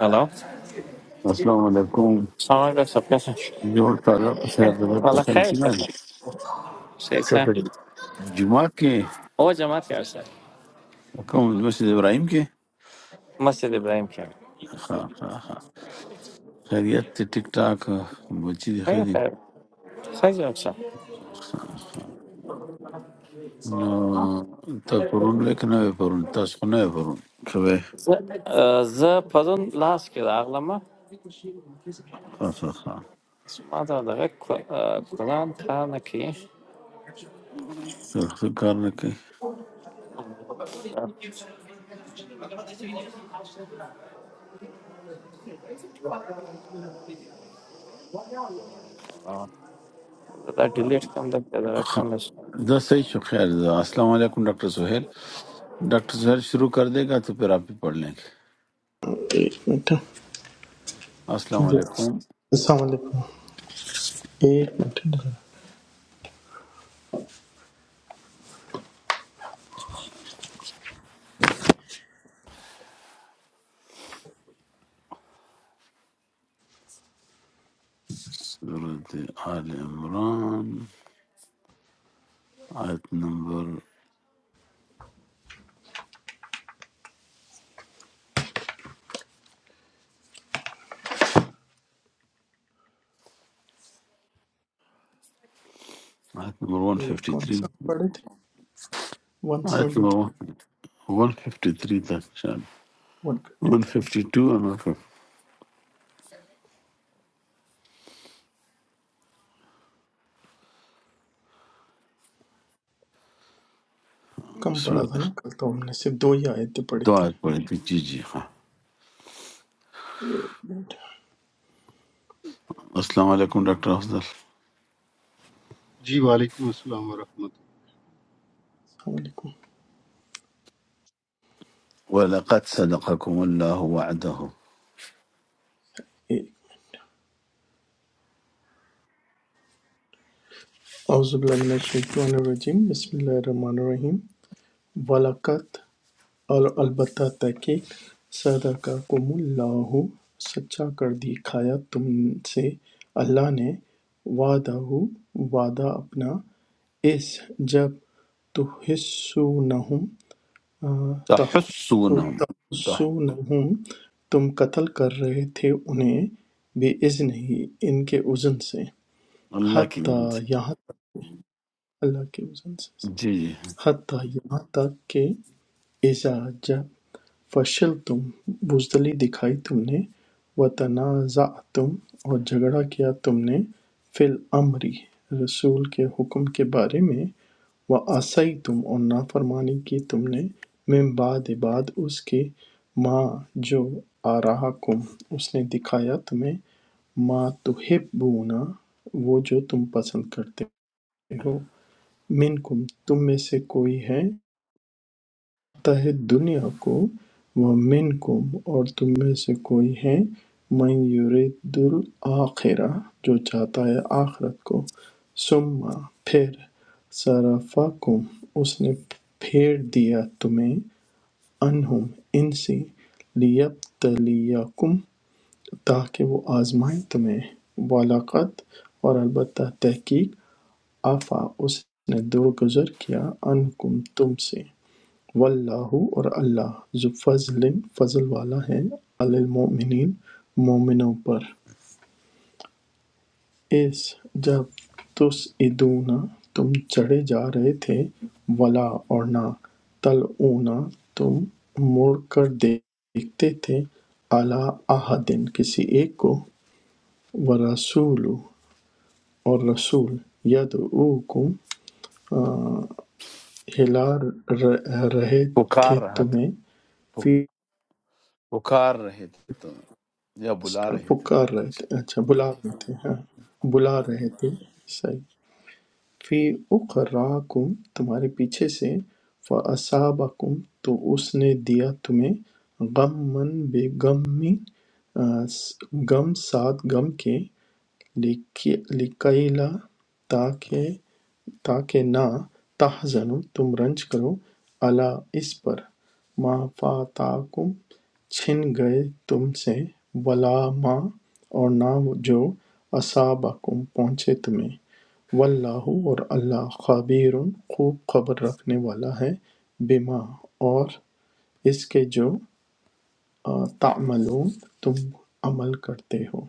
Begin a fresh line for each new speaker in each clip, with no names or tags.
Hello السلام
السلام علیکم
علیکم سب کیسے ہیں؟
جوړ تازه په خیر د بل په
اللہ
خیر
خیر
شي
سر
باندې
صحیح سے
چټه جمعه کې
وہ جماعت کیا ہے سر
کوم د مسجد ابراهیم کې
مسجد ابراہیم کیا
ها ها ها خیریت ته ټیک ټاک بچی دی
خیر
خدي
خیر خیر صحیح جواب سر
ها، ها. نو ته پرون لیک نه وې پرون تاسو خو نه وې پرون شوه
ز پرون لاس کې راغلم ما
ها ها ها
دا دغه قرآن خانه کې
سره څه کار نه کوي
دا ډیلیټ کم د دغه کم
ها،
میں
دا صحیح شو خیر دا السلام علیکم ډاکټر سہیل ډاکټر سہیل شروع کر دے گا تو پھر آپ بھی پڑھ لیں گے
ایک منٹ
السلام علیکم
السلام علیکم ایک منٹ ادھر۔
سورة آل Imran At number at number one
یہ
fifty
کون سا
three.
ہم پڑھے تھے one
At
seventy three
number one fifty three that shall
one fifty
one fifty two and one
کم
بسم
پڑھا تھا
الله
نا کل تو ہم نے صرف دو ہی آیتیں پڑھی تھی
دعاء
نا
قولتي جي جي ها.
ایک منٹ
السلام عليكم دكتور أفضل
جی وعلیکم السلام ورحمۃ
السلام علیکم
ولقد صدقكم الله وعده
ایک اعوذ باللہ من الشیطان الرجیم بسم اللہ الرحمن الرحیم ولاقت اور البتہ تحقیق صدقہ کم اللہ سچا کر دکھایا تم سے اللہ نے وعدہ وعدہ اپنا اس جب تو حصو نہم،
تحسونهم صح
تحسون تم قتل کر رہے تھے انہیں بے اذن ہی ان کے اذن سے
الله كي
حتیٰ
ينسى.
یہاں تک- اللہ کے اذن سے
جي جي
حتیٰ یہاں تک کہ اذا جا فشل تم بزدلی دکھائی تم نے وتنازع تم اور جھگڑا کیا تم نے فی الامری رسول کے حکم کے بارے میں وَعَصَیْتُم اور نافرمانی کی تم نے مِن بَعْدِ بَعْد اس کے مَا جو آرَاکُم اس نے دکھایا تمہیں مَا تُحِبُّونَ وہ جو تم پسند کرتے ہو منکم تم میں سے کوئی ہے متحد دنیا کو وَمِنْکُمْ اور تم میں سے کوئی ہے مَن یُرِیدُ الْآخِرَۃَ جو چاہتا ہے آخرت کو ثُمَّ پھر صَرَفَکُمْ اس نے پھیر دیا تمہیں عَنْہُمْ ان سے لِیَبْتَلِیَکُمْ تاکہ وہ آزمائے تمہیں وَلَقَدْ اور البتہ تحقیق عَفَا اس نے درگزر کیا عنکم تم سے واللہ اور اللہ ذو فضل فضل والا ہے علی المؤمنین مومنوں پر اس جب تس ادونا تم چڑھے جا رہے تھے ولا اور نہ تل اونا تم مڑ کر دیکھتے تھے اعلیٰ دن کسی ایک کو ورسول اور رسول یدعوکم آ، ہلا ر- رہے
فقار
تھے
رهت
تمہیں فی
فقار رهت يا بلا رهت
پکار رہے تھے اچھا بلا رہے تھے ہاں بلا رہے تھے صحیح فی اخراکم تمہارے پیچھے سے فاصابکم تو اس نے دیا تمہیں غم من بے غم میں غم ساتھ غم کے لکی لکیلا تاکہ تاکہ نہ تحزنوا تم رنج کرو الا اس پر ما فاتاکم چھن گئے تم سے ولا ما اور نہ جو اصابکم پہنچے تمہیں واللہ اور اللہ خبیر خوب خبر رکھنے والا ہے بما اور اس کے جو آ، تعملون تم عمل کرتے ہو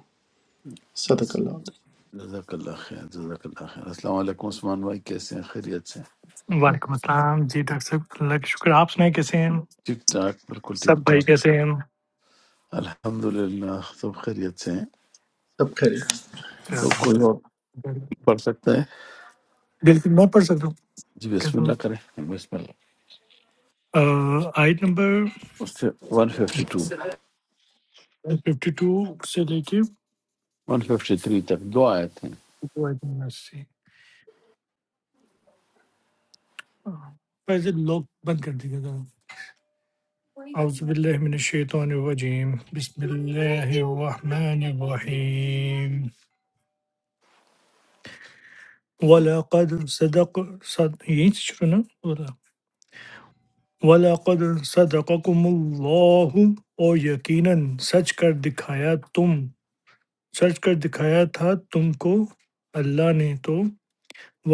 صدق
بس
اللہ علیہ
جزاك الله خير جزاك الله خير السلام عليكم عثمان भाई कैसे हैं खैरियत से
وعلیکم السلام جی ڈاکٹر صاحب اللہ کا شکر آپ سنائیں کیسے ہیں
ठीक ठाक बिल्कुल
سب
ठीक
بھائی
ठाक
کیسے ہیں
الحمد للہ سب خیریت سے ہیں
سب خیریت
تو کوئی اور
چلو۔
پڑھ سکتا ہے
بالکل میں پڑھ سکتا ہوں
جی بسم
کہتا ہوں
اللہ کریں بسم اللہ
آہ، آیت نمبر
اس سے 152
52 سے لے کے
153 تک دو آیت ہیں
وہ آیت نمبر 80 آہ، فیضل لوگ بند کر دیجیے گا اعوذ باللہ من الشیطان الرجیم بسم اللہ الرحمن الرحیم وَلَقَدْ صدق صد... یہیں سے شروع نا وَلَقَدْ صَدَقَكُمُ اللَّهُ اور یقیناً سچ کر دکھایا تم سچ کر دکھایا تھا تم کو اللہ نے تو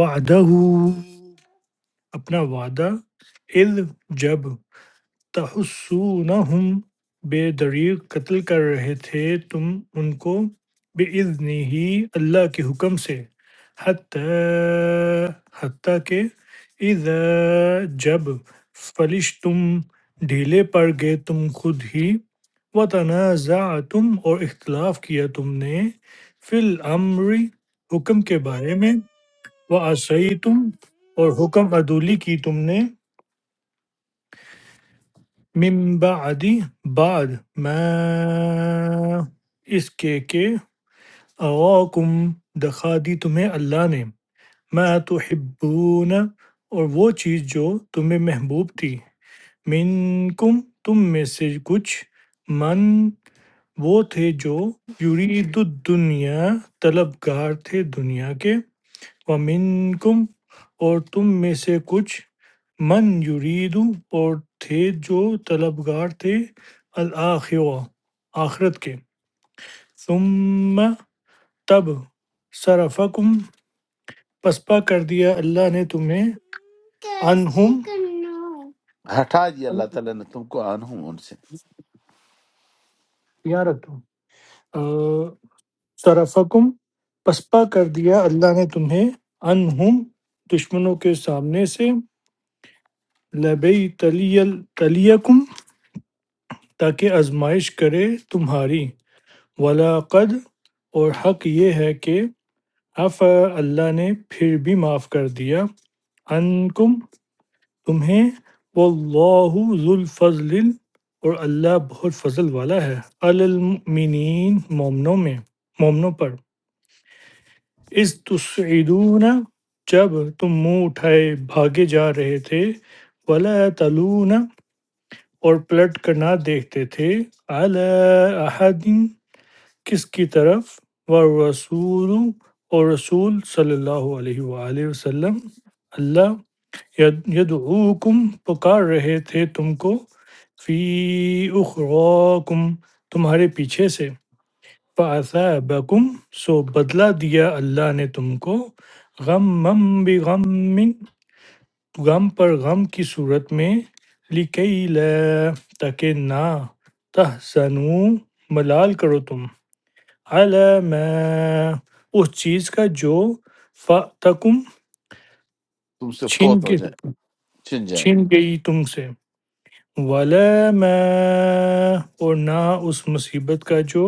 وعدہ اپنا وعدہ اذ جب تَحْسُونَہُم بے دریغ قتل کر رہے تھے تم ان کو بِإِذْنِہِ اللہ کے حکم سے حَتَّى حتیٰ کہ اِذَا جب فلش تم ڈھیلے پڑ گئے تم خود ہی وَتَنَازَعْتُمْ اور اختلاف کیا تم نے فِي الْأَمْرِ حکم کے بارے میں وَعَصَيْتُمْ اور حکم عدولی کی تم نے من بعد بعد ما اس کے کہ اغواکم دکھا دی تمہیں اللہ نے ما تحبون اور وہ چیز جو تمہیں محبوب تھی منکم تم میں سے کچھ من وہ تھے جو یرید الدنیا طلبگار تھے دنیا کے ومنکم اور تم میں سے کچھ من یریدو اور تھے جو طلبگار تھے الآخرہ آخرت کے ثم تب صرفکم پسپا کر دیا اللہ نے تمہیں عنہم
ہٹا دی اللہ تعالیٰ نے تم کو آنہوں ان سے
یہاں رکھ دو آ، صرفکم پسپا کر دیا اللہ نے تمہیں عنہم دشمنوں کے سامنے سے لبی تلیل تلیکم تاکہ آزمائش کرے تمہاری وَلَقَد اور حق یہ ہے کہ عَفَا اللہ نے پھر بھی معاف کر دیا عَنکم تمہیں وَاللَّهُ ذُو الْفَضْلِ ال- اور اللہ بہت فضل والا ہے عَلَى الْمُؤْمِنِينَ مومنوں میں مومنوں پر اِذْ تُسْعِدُونَ جب تم منہ اٹھائے بھاگے جا رہے تھے وَلَا تَلُونَ اور پلٹ کر نہ دیکھتے تھے عَلَى أَحَدٍ کس کی طرف والرسول اور رسول صلی اللہ علیہ وآلہ وسلم اللہ ید- یدعوکم پکار رہے تھے تم کو فی اخراکم تمہارے پیچھے سے فَأَثَابَكُمْ سو بدلہ دیا اللہ نے تم کو غمم بغم غم پر غم کی صورت میں لِكَيْ لَا تاکہ نہ تحزنوا ملال کرو تم حل ہے میں اس چیز کا جو فَتَکُم
تم سے
چھن
فوت ہو
گئی
جائے چھن جائے
چھن گئی تم سے وَلَا مَا اور نہ اس مصیبت کا جو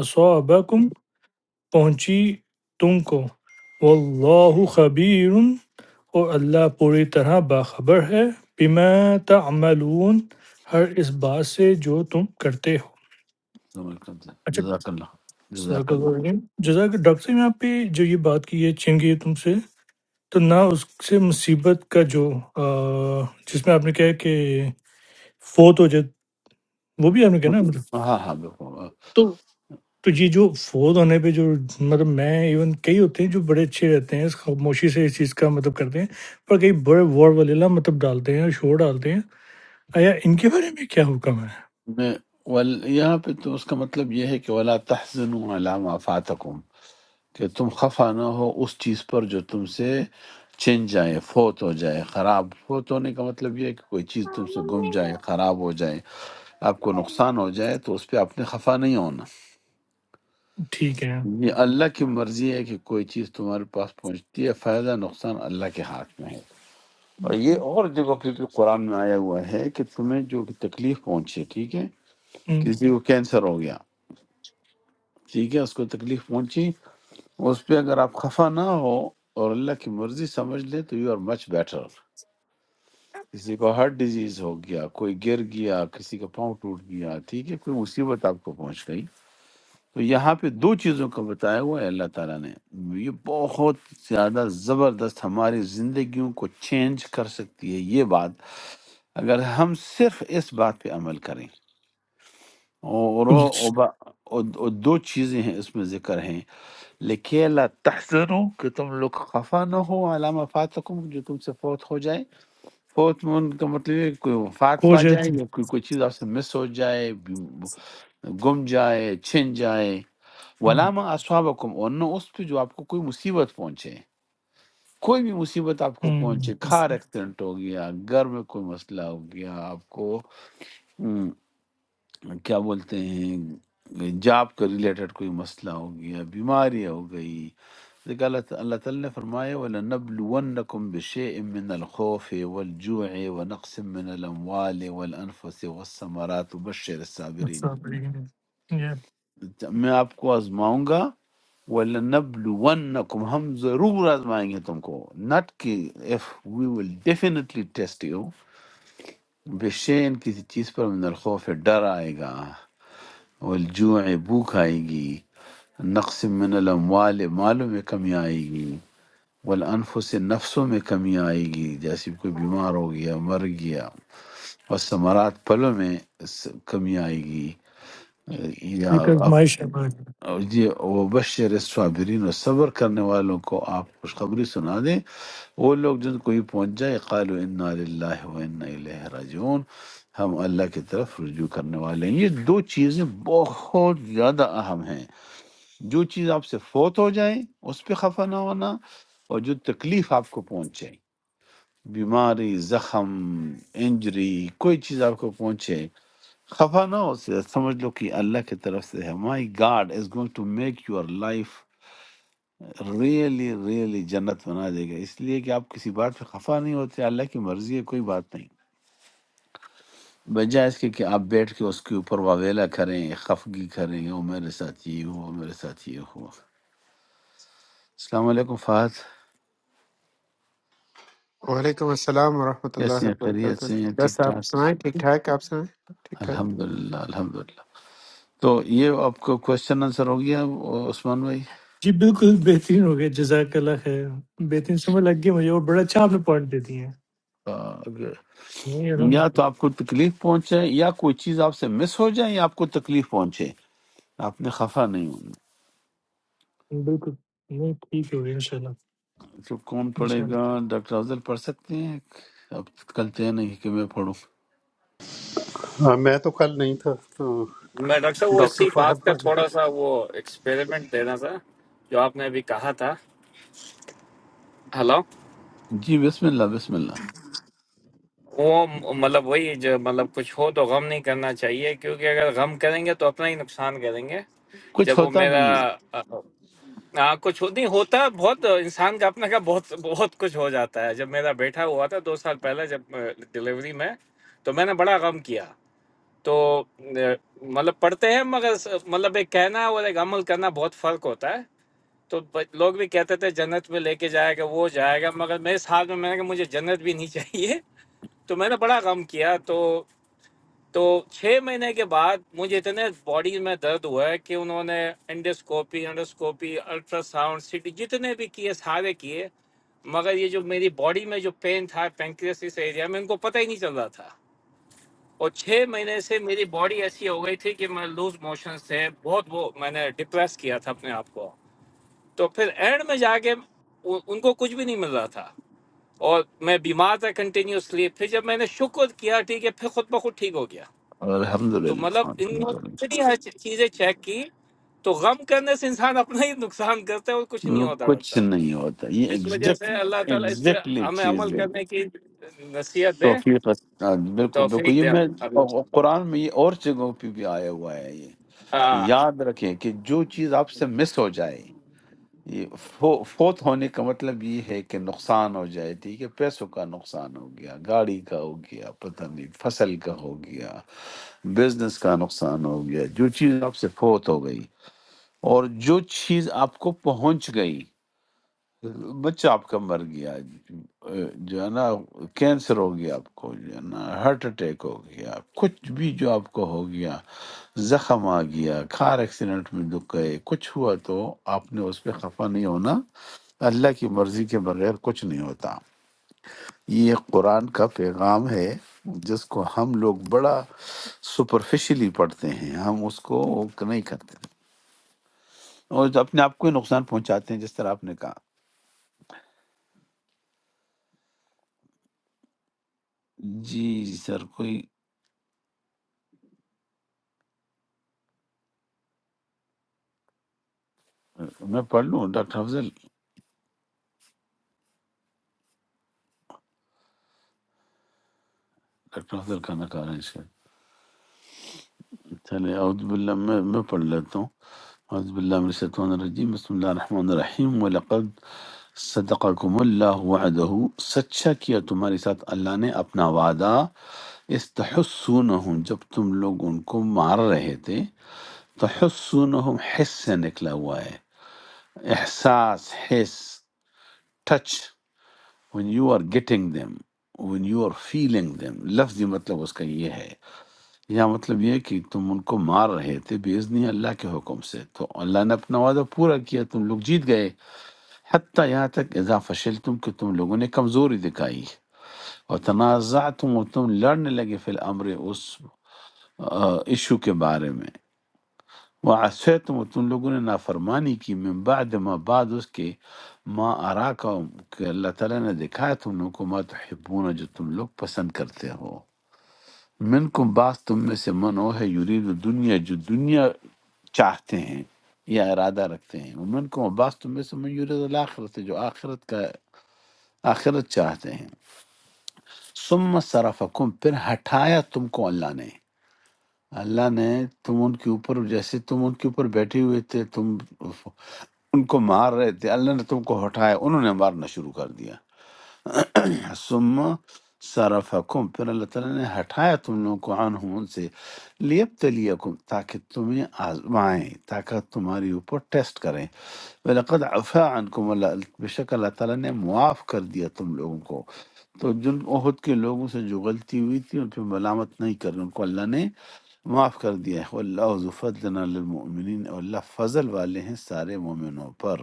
اصابکم پہنچی تم کو واللہ خبیر اور اللہ پوری طرح باخبر ہے بما تعملون ہر اس بات سے جو تم کرتے ہو
السلام علیکم۔
اچھا
جزاک اللہ
صدق
جزاک
اللہ العظیم۔ جزاک ڈاکٹر صاحب نے آپ پہ جو یہ بات کی ہے چھن گئی تم سے تو نہ اس سے مصیبت کا جو آ، جس میں آپ نے کہا ہے کہ فوت ہو جائے وہ بھی آپ نے کہا نا مطلب
اللہ ہاں ہاں بالکل
تو تو یہ جو فوت ہونے پہ جو مطلب میں ایون کئی ہوتے ہیں جو بڑے اچھے رہتے ہیں اس خاموشی سے اس چیز کا مطلب کرتے ہیں پر کئی بڑے وار ولیلا مطلب ڈالتے ہیں اور شور ڈالتے ہیں آیا ان کے بارے میں کیا حکم ہے
میں ول یہاں پہ تو اس کا مطلب یہ ہے کہ ولا تحزنوا علی ما فاتکم کہ تم خفا نہ ہو اس چیز پر جو تم سے چھن جائے فوت ہو جائے خراب فوت ہونے کا مطلب یہ ہے کہ کوئی چیز تم سے گم جائے خراب ہو جائے آپ کو نقصان ہو جائے تو اس پہ آپ نے خفا نہیں ہونا
ٹھیک ہے
یہ اللہ کی مرضی ہے کہ کوئی چیز تمہارے پاس پہنچتی ہے فائدہ نقصان اللہ کے ہاتھ میں ہے اور یہ اور جگہ پہ بھی قرآن میں آیا ہوا ہے کہ تمہیں جو تکلیف پہنچے ٹھیک ہے
ہم،
کسی کو کینسر ہو گیا ٹھیک ہے اس کو تکلیف پہنچی اس پہ اگر آپ خفا نہ ہو اور اللہ کی مرضی سمجھ لیں تو یو آر مچ بیٹر کسی کو ہارٹ ڈیزیز ہو گیا کوئی گر گیا کسی کا پاؤں ٹوٹ گیا ٹھیک ہے کوئی مصیبت آپ کو پہنچ گئی تو یہاں پہ دو چیزوں کا بتایا ہوا ہے اللہ تعالیٰ نے یہ بہت زیادہ زبردست ہماری زندگیوں کو چینج کر سکتی ہے یہ بات اگر ہم صرف اس بات پہ عمل کریں اور وہ-
کچھ
وہ با- وہ دو چیزیں ہیں اس میں ذکر ہیں لکھے اللہ تحزنو کہ تم لوگ خفا نہ ہو علامہ فاتکم جو تم سے فوت ہو جائے فوت میں ان کا مطلب ہے کہ کوئی وفات
ہو
پا
جائے
جائے
تو-
یا کوئی کوئی چیز آپ سے مس ہو جائے گم جائے چھن جائے
ہم،
ولامہ اصحابکم اور نہ اس پہ جو آپ کو کوئی مصیبت پہنچے کوئی بھی مصیبت آپ کو
ہم،
پہنچے کھار ایکسیڈنٹ ہو گیا گھر میں کوئی مسئلہ ہو گیا آپ کو کیا بولتے ہیں جاب کا ریلیٹڈ کوئی مسئلہ ہو گیا بیماری ہو گئی دیکھ اللہ تعالیٰ اللہ تعالیٰ نے فرمایا وَلَنَبْلُوَنَّكُمْ بِشَيْءٍ مِّنَ الْخَوْفِ وَالْجُوعِ وَنَقْصٍ مِّنَ الْأَمْوَالِ وَالْأَنفُسِ وَالثَّمَرَاتِ وَبَشِّرِ الصَّابِرِينَ
ایسا بڑی- یہ
میں آپ کو آزماؤں گا وَلَنَبْلُوَنَّكُمْ ہم ضرور آزمائیں گے تم کو ناٹ کہ if we will definitely test you بشین کسی چیز پر من الخوف ڈر آئے گا والجوع بھوک آئے گی نقص من الاموال مالوں میں کمی آئے گی والانفس نفسوں میں کمی آئے گی جیسے کوئی بیمار ہو گیا مر گیا اور ثمرات پھلوں میں س- کمی آئے گی اے، یا
ایک
آپ
آزمائش ہے
یہ وہ بشر صابرین اور صبر کرنے والوں کو آپ خوشخبری سنا دیں وہ لوگ جن کو یہ پہنچ جائے قالوا انا للہ و انا الیہ راجعون ہم اللہ کی طرف رجوع کرنے والے ہیں یہ دو چیزیں بہت زیادہ اہم ہیں جو چیز آپ سے فوت ہو جائے اس پہ خفا نہ ہونا اور جو تکلیف آپ کو پہنچے بیماری زخم انجری کوئی چیز آپ کو پہنچے خفا نہ ہو اس سے سمجھ لو کہ اللہ کی طرف سے ہے my god is going to make your life really really جنت بنا دے گا اس لیے کہ آپ کسی بات پہ خفا نہیں ہوتے اللہ کی مرضی ہے کوئی بات نہیں بجائے اس کے کہ آپ بیٹھ کے اس کے اوپر واویلا کریں خفگی کریں وہ میرے ساتھ یہ ہوا میرے ساتھ یہ ہوا السلام علیکم فہد
Assalamualaikum warahmatullahi
کیسے ہیں خیریت
wabarakatuh. 10,
سے ہیں ٹھیک ٹھاک
10, right? Right?
الحمد للہ الحمد للہ تو یہ آپ کو کوشچن آنسر ہو گیا وہ عثمان بھائی
جی بالکل بہترین ہو گیا جزاک اللہ خیر بہترین سمجھ لگ گئی مجھے اور بڑا اچھا آپ نے پوائنٹ دے دیے ہیں
آ، اگر-
نہیں
یا
الحمد
تو آپ کو تکلیف پہنچے یا کوئی چیز آپ سے مس ہو جائے یا آپ کو تکلیف پہنچے آپ نے خفا نہیں ہونا
بالکل نہیں ٹھیک ہو گیا انشاءاللہ
تو کون پڑھے
انشاءاللہ
گا ڈاکٹر افضل پڑھ سکتے ہیں اب کل طے نہیں کہ میں پڑھوں
اللہ۔ ہاں، میں تو کل نہیں تھا تو
ڈاکٹر صاحب وہ
ڈاکٹر
اسی بات
فہد
کا
پڑھ لیں
تھوڑا سا وہ ایکسپیریمنٹ دینا تھا جو آپ نے ابھی کہا تھا ہلو
جی بسم اللہ بسم اللہ
وہ مطلب وہی جو مطلب کچھ ہو تو غم نہیں کرنا چاہیے کیونکہ اگر غم کریں گے تو اپنا ہی نقصان کریں گے
کچھ
جب وہ
ہوتا
میرا
نہیں
ہاں کچھ ہو- نہیں ہوتا ہے بہت انسان کا اپنا کا بہت بہت کچھ ہو جاتا ہے جب میرا بیٹا ہوا تھا دو سال پہلے جب ڈلیوری میں تو میں نے بڑا غم کیا تو اہ، مطلب پڑھتے ہیں مگر س- مطلب ایک کہنا اور ایک عمل کرنا بہت فرق ہوتا ہے تو ب- لوگ بھی کہتے تھے جنت میں لے کے جائے گا وہ جائے گا مگر میرے ساتھ میں میں نے کہا مجھے جنت بھی نہیں چاہیے تو میں نے بڑا غم کیا تو تو چھ مہینے کے بعد مجھے اتنے باڈی میں درد ہوا ہے کہ انہوں نے انڈوسکوپی انڈوسکوپی الٹرا ساؤنڈ سی ٹی جتنے بھی کیے سارے کیے مگر یہ جو میری باڈی میں جو پین تھا پینکریس اس ایریا میں ان کو پتہ ہی نہیں چل رہا تھا اور چھ مہینے سے میری باڈی ایسی ہو گئی تھی کہ میں لوز موشن سے بہت وہ میں نے ڈپریس کیا تھا اپنے آپ کو تو پھر اینڈ میں جا کے وہ- ان کو کچھ بھی نہیں مل رہا تھا اور میں بیمار تھا کنٹینیوسلی پھر جب میں نے شکر کیا ٹھیک ہے پھر خود بخود ٹھیک ہو گیا
ہے، الحمد
تو مطلب ان لوگوں نے
للہ
اتنی ہر چی- چیزیں چیک کی تو غم کرنے سے انسان اپنا ہی نقصان کرتا ہے اور کچھ نہیں ہوتا ڈاکٹر
کچھ
صاحب
نہیں ہوتا یہ
اس وجہ سے
ایگزیکٹ
اللہ تعالیٰ اس پہ
ایگزیکٹلی
ہمیں عمل
چیز ہے
کرنے کی نصیحت دے
توفیق عطا- آ، بالکل بالکل
توفیق
یہ
دے
میں
اللہ تعالیٰ
اور- اور قرآن میں یہ اور جگہوں پہ بھی آیا ہوا ہے یہ
ہاں
یاد رکھیں کہ جو چیز آپ سے مس ہو جائے یہ فو- فوت ہونے کا مطلب یہ ہے کہ نقصان ہو جائے ٹھیک ہے پیسوں کا نقصان ہو گیا گاڑی کا ہو گیا پتہ نہیں فصل کا ہو گیا بزنس کا نقصان ہو گیا جو چیز آپ سے فوت ہو گئی اور جو چیز آپ کو پہنچ گئی بچہ آپ کا مر گیا جو ہے نا کینسر ہو گیا آپ کو جو ہے نا ہارٹ اٹیک ہو گیا کچھ بھی جو آپ کو ہو گیا زخم آ گیا کار ایکسیڈنٹ میں دکھ گئے کچھ ہوا تو آپ نے اس پہ خفا نہیں ہونا اللہ کی مرضی کے بغیر کچھ نہیں ہوتا یہ قرآن کا پیغام ہے جس کو ہم لوگ بڑا سپرفیشلی پڑھتے ہیں ہم اس کو نہیں کرتے اور اپنے آپ کو ہی نقصان پہنچاتے ہیں جس طرح آپ نے کہا جی سر کوئی میں پڑھ لوں ڈاکٹر افضل ڈاکٹر افضل کھانا کھا رہے ہیں شاید چلے اعوذ باللہ میں میں پڑھ لیتا ہوں اعوذ باللہ من الشیطان الرجیم بسم اللہ الرحمن الرحیم وَلَقَدْ صدقکم اللہ وعدہو سچا کیا تمہارے ساتھ اللہ نے اپنا وعدہ استحسونہم جب تم لوگ ان کو مار رہے تھے تحسونہم حس سے نکلا ہوا ہے احساس حس touch when you are getting them when you are feeling them لفظی مطلب اس کا یہ ہے یا مطلب یہ کہ تم ان کو مار رہے تھے بےزنی اللہ کے حکم سے تو اللہ نے اپنا وعدہ پورا کیا تم لوگ جیت گئے حتیٰ یہاں تک اذا فشل تم کہ تم لوگوں نے کمزوری دکھائی اور تنازع تم اور تم لڑنے لگے فی الامر اس ایشو کے بارے میں وعصے تم اور تم لوگوں نے نافرمانی کی من بعد ما بعد اس کے ما آرا کہ اللہ تعالیٰ نے دکھایا تم لوگوں کو ما تحبون جو تم لوگ پسند کرتے ہو منکم بعض تم میں سے من وہ ہے یرید دنیا جو دنیا چاہتے ہیں یا ارادہ رکھتے ہیں منکم بعض تم میں سے من یرید الاخرت جو آخرت کا آخرت چاہتے ہیں ثم صرفکم پھر ہٹایا تم کو اللہ نے اللہ نے تم ان کے اوپر جیسے تم ان کے اوپر بیٹھے ہوئے تھے تم ان کو مار رہے تھے اللہ نے تم کو ہٹایا انہوں نے مارنا شروع کر دیا ثم صرفکم پھر اللہ تعالیٰ نے ہٹایا تم لوگوں کو عنہم ان سے لیبتلیکم تاکہ تمہیں آزمائیں تاکہ تمہاری اوپر ٹیسٹ کریں وَلَقَدْ عَفَا عَنْكُمْ اللہ بے شک اللہ تعالیٰ نے معاف کر دیا تم لوگوں کو تو جن عہد کے لوگوں سے جو غلطی ہوئی تھی ان پہ ملامت نہیں کر رہے، ان کو اللہ نے معاف کر دیا ہے اللہ ظفدنا للمؤمنین اور اللہ فضل والے ہیں سارے مومنوں پر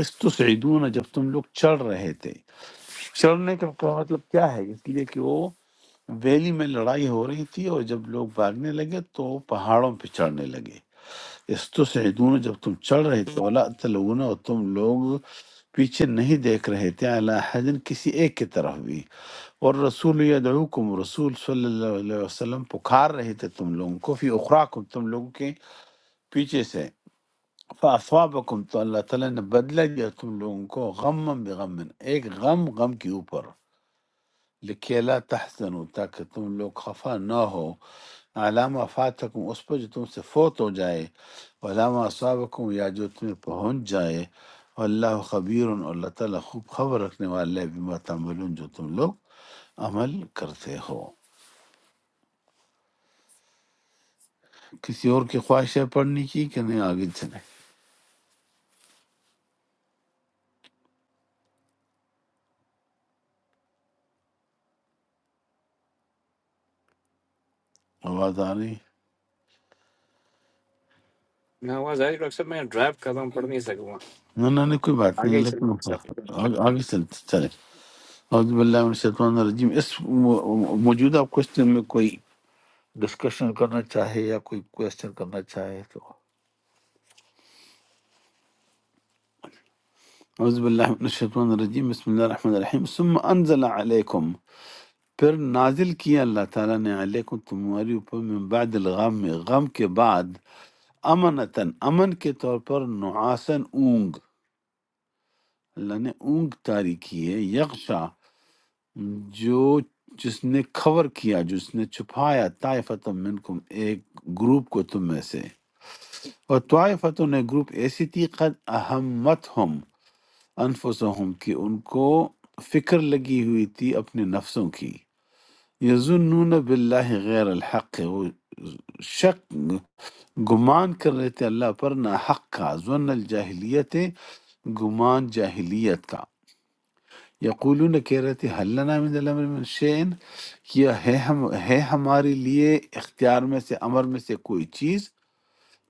اس تو سعیدون جب تم لوگ چڑھ رہے تھے چڑھنے کا کا مطلب کیا ہے اس لیے کہ وہ ویلی میں لڑائی ہو رہی تھی اور جب لوگ بھاگنے لگے تو وہ پہاڑوں پہ چڑھنے لگے استسعدون جب تم چڑھ رہے تھے ولا تلون اور تم لوگ پیچھے نہیں دیکھ رہے تھے اعلی حجن کسی ایک کی طرف بھی اور رسول یدعوکم رسول صلی اللہ علیہ وسلم پکار رہے تھے تم لوگوں کو فی اخراکم تم لوگوں کے پیچھے سے فاصابکم تو اللہ تعالیٰ نے بدلہ دیا تم لوگوں کو غم بغم ایک غم غم کے اوپر لکھی اللہ تحسن تاکہ تم لوگ خفا نہ ہو علامہ فاتکم اس پر جو تم سے فوت ہو جائے علامہ صابقم یا جو تمہیں پہنچ جائے اللہ خبیر اور اللہ تعالیٰ خوب خبر رکھنے والا ہے بما تعملون جو تم لوگ عمل کرتے ہو کسی اور کی خواہش ہے پڑھنے کی کہ نہیں آگے چلے آواز آ رہی ہے؟
میں آواز آ رہی ہے ڈاکٹر صاحب میں ڈرائیو کر رہا ہوں پڑھ نہیں سکوں
نہ نہ نہیں کوئی بات
آگے
نہیں
ہی چلیں
لیکن
سب۔
آگ- آگے چلتے چلے اعوذ باللہ من الشیطان الرجیم اس م- موجودہ کوشچن میں کوئی ڈسکشن کرنا چاہے یا کوئی کوشچن کرنا چاہے تو اعوذ باللہ من الشیطان الرجیم بسم اللہ الرحمن الرحیم ثم انزل علیکم پھر نازل کیا اللہ تعالیٰ نے علیکم تمہاری اوپر من بعد الغم غم کے بعد امنتن امن کے طور پر نعاسن اونگ اللہ نے اونگ تاری کی ہے یغشا جو جس نے کور کیا جس نے چھپایا طائفت منکم ایک گروپ کو تم میں سے اور طائفتوں نے گروپ ایسی تھی قد اہمت انفسهم کہ ان کو فکر لگی ہوئی تھی اپنے نفسوں کی یظنون باللہ غیر الحق وہ شک گمان کر رہے تھے اللہ پر نہ حق کا ظن الجاہلیت گمان جاہلیت کا یقولون کہہ رہے تھے حل لنا من الامر من شین کیا ہے ہم ہے ہمارے لیے اختیار میں سے امر میں سے کوئی چیز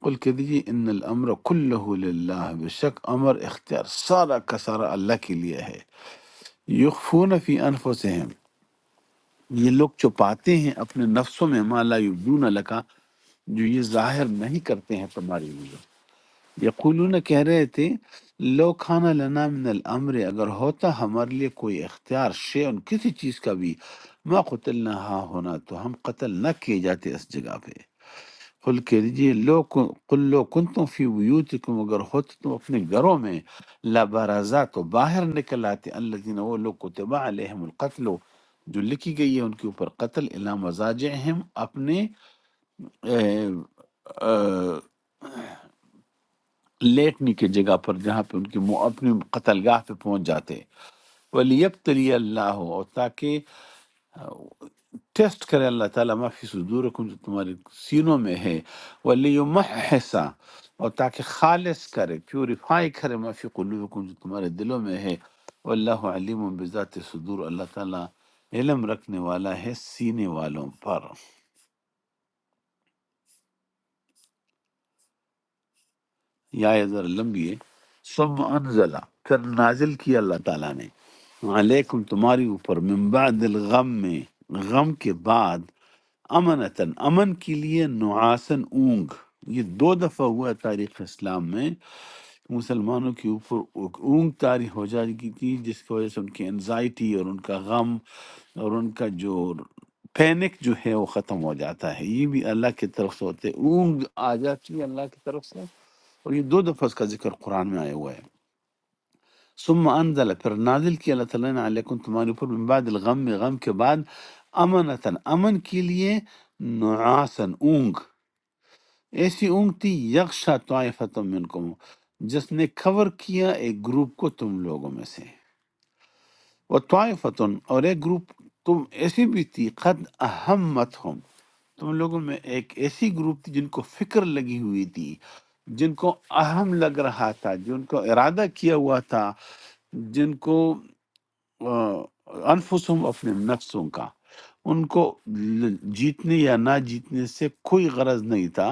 قل کہہ دیجیے ان الامر کلہ للہ بے شک امر اختیار سارا کا سارا اللہ کے لیے ہے یخفون فی انفسہم یہ لوگ چھپاتے ہیں اپنے نفسوں میں ما لا یبدون لکا جو یہ ظاہر نہیں کرتے ہیں تمہاری لیے یقولون کہہ رہے تھے لو کھانا لنا من الامر اگر ہوتا ہمارے لیے کوئی اختیار شیئن کسی چیز کا بھی ما قتلنا ہا ہونا تو ہم قتل نہ کیے جاتے اس جگہ پہ قل کہہ دیجئے لو کن- قل لو کنتم فی بیوتکم اگر ہوتے تم اپنے گھروں میں لا برازا تو باہر نکل آتے الذین وہ لوگ کتبا علیہم القتل جو لکھی گئی ہے ان کے اوپر قتل الا مزاجہم اپنے اے، اے، لیٹنے کی جگہ پر جہاں پہ ان کے مو- اپنے قتل گاہ پہ پہنچ جاتے ولیبتلی اللہ اور تاکہ ٹیسٹ کرے اللہ تعالیٰ معافی صدورکم جو تمہارے سینوں میں ہے وَلِيُمَحِّسَ اور تاکہ خالص کرے پیوریفائی کرے معافی قلوبکم جو تمہارے دلوں میں ہے واللہ علیم بذات صدور اللہ تعالیٰ علم رکھنے والا ہے سینے والوں پر یا یہ ذرا لمبی ہے سب انزلہ پھر نازل کیا اللہ تعالیٰ نے علیکم تمہاری اوپر من بعد الغم میں غم کے بعد امنتن امن کے لیے نعاسن اونگ یہ دو دفعہ ہوا ہے تاریخ اسلام میں کہ مسلمانوں کے اوپر اونگ طاری ہو جاتی تھی جس کی وجہ سے ان کی انزائٹی اور ان کا غم اور ان کا جو پینک جو ہے وہ ختم ہو جاتا ہے یہ بھی اللہ کی طرف سے ہوتے اونگ آ جاتی ہے اللہ کی طرف سے اور یہ دو دفعہ اس کا ذکر قرآن میں آیا ہوا ہے ثم انزل پھر نازل کیا اللہ تعالیٰ نے علیکم تمہارے اوپر من بعد الغم میں غم کے بعد امنتن امن کے لیے نعاسن اونگ ایسی اونگ تھی یکشا طائفتم منکم جس نے کور کیا ایک گروپ کو تم لوگوں میں سے وہ طائفتن اور ایک گروپ تم ایسی بھی تھی قد اہمت تو ان لوگوں میں ایک ایسی گروپ تھی جن کو فکر لگی ہوئی تھی جن کو اہم لگ رہا تھا جن کو ارادہ کیا ہوا تھا جن کو آ، انفسہم اپنے نفسوں کا ان کو ل- جیتنے یا نہ جیتنے سے کوئی غرض نہیں تھا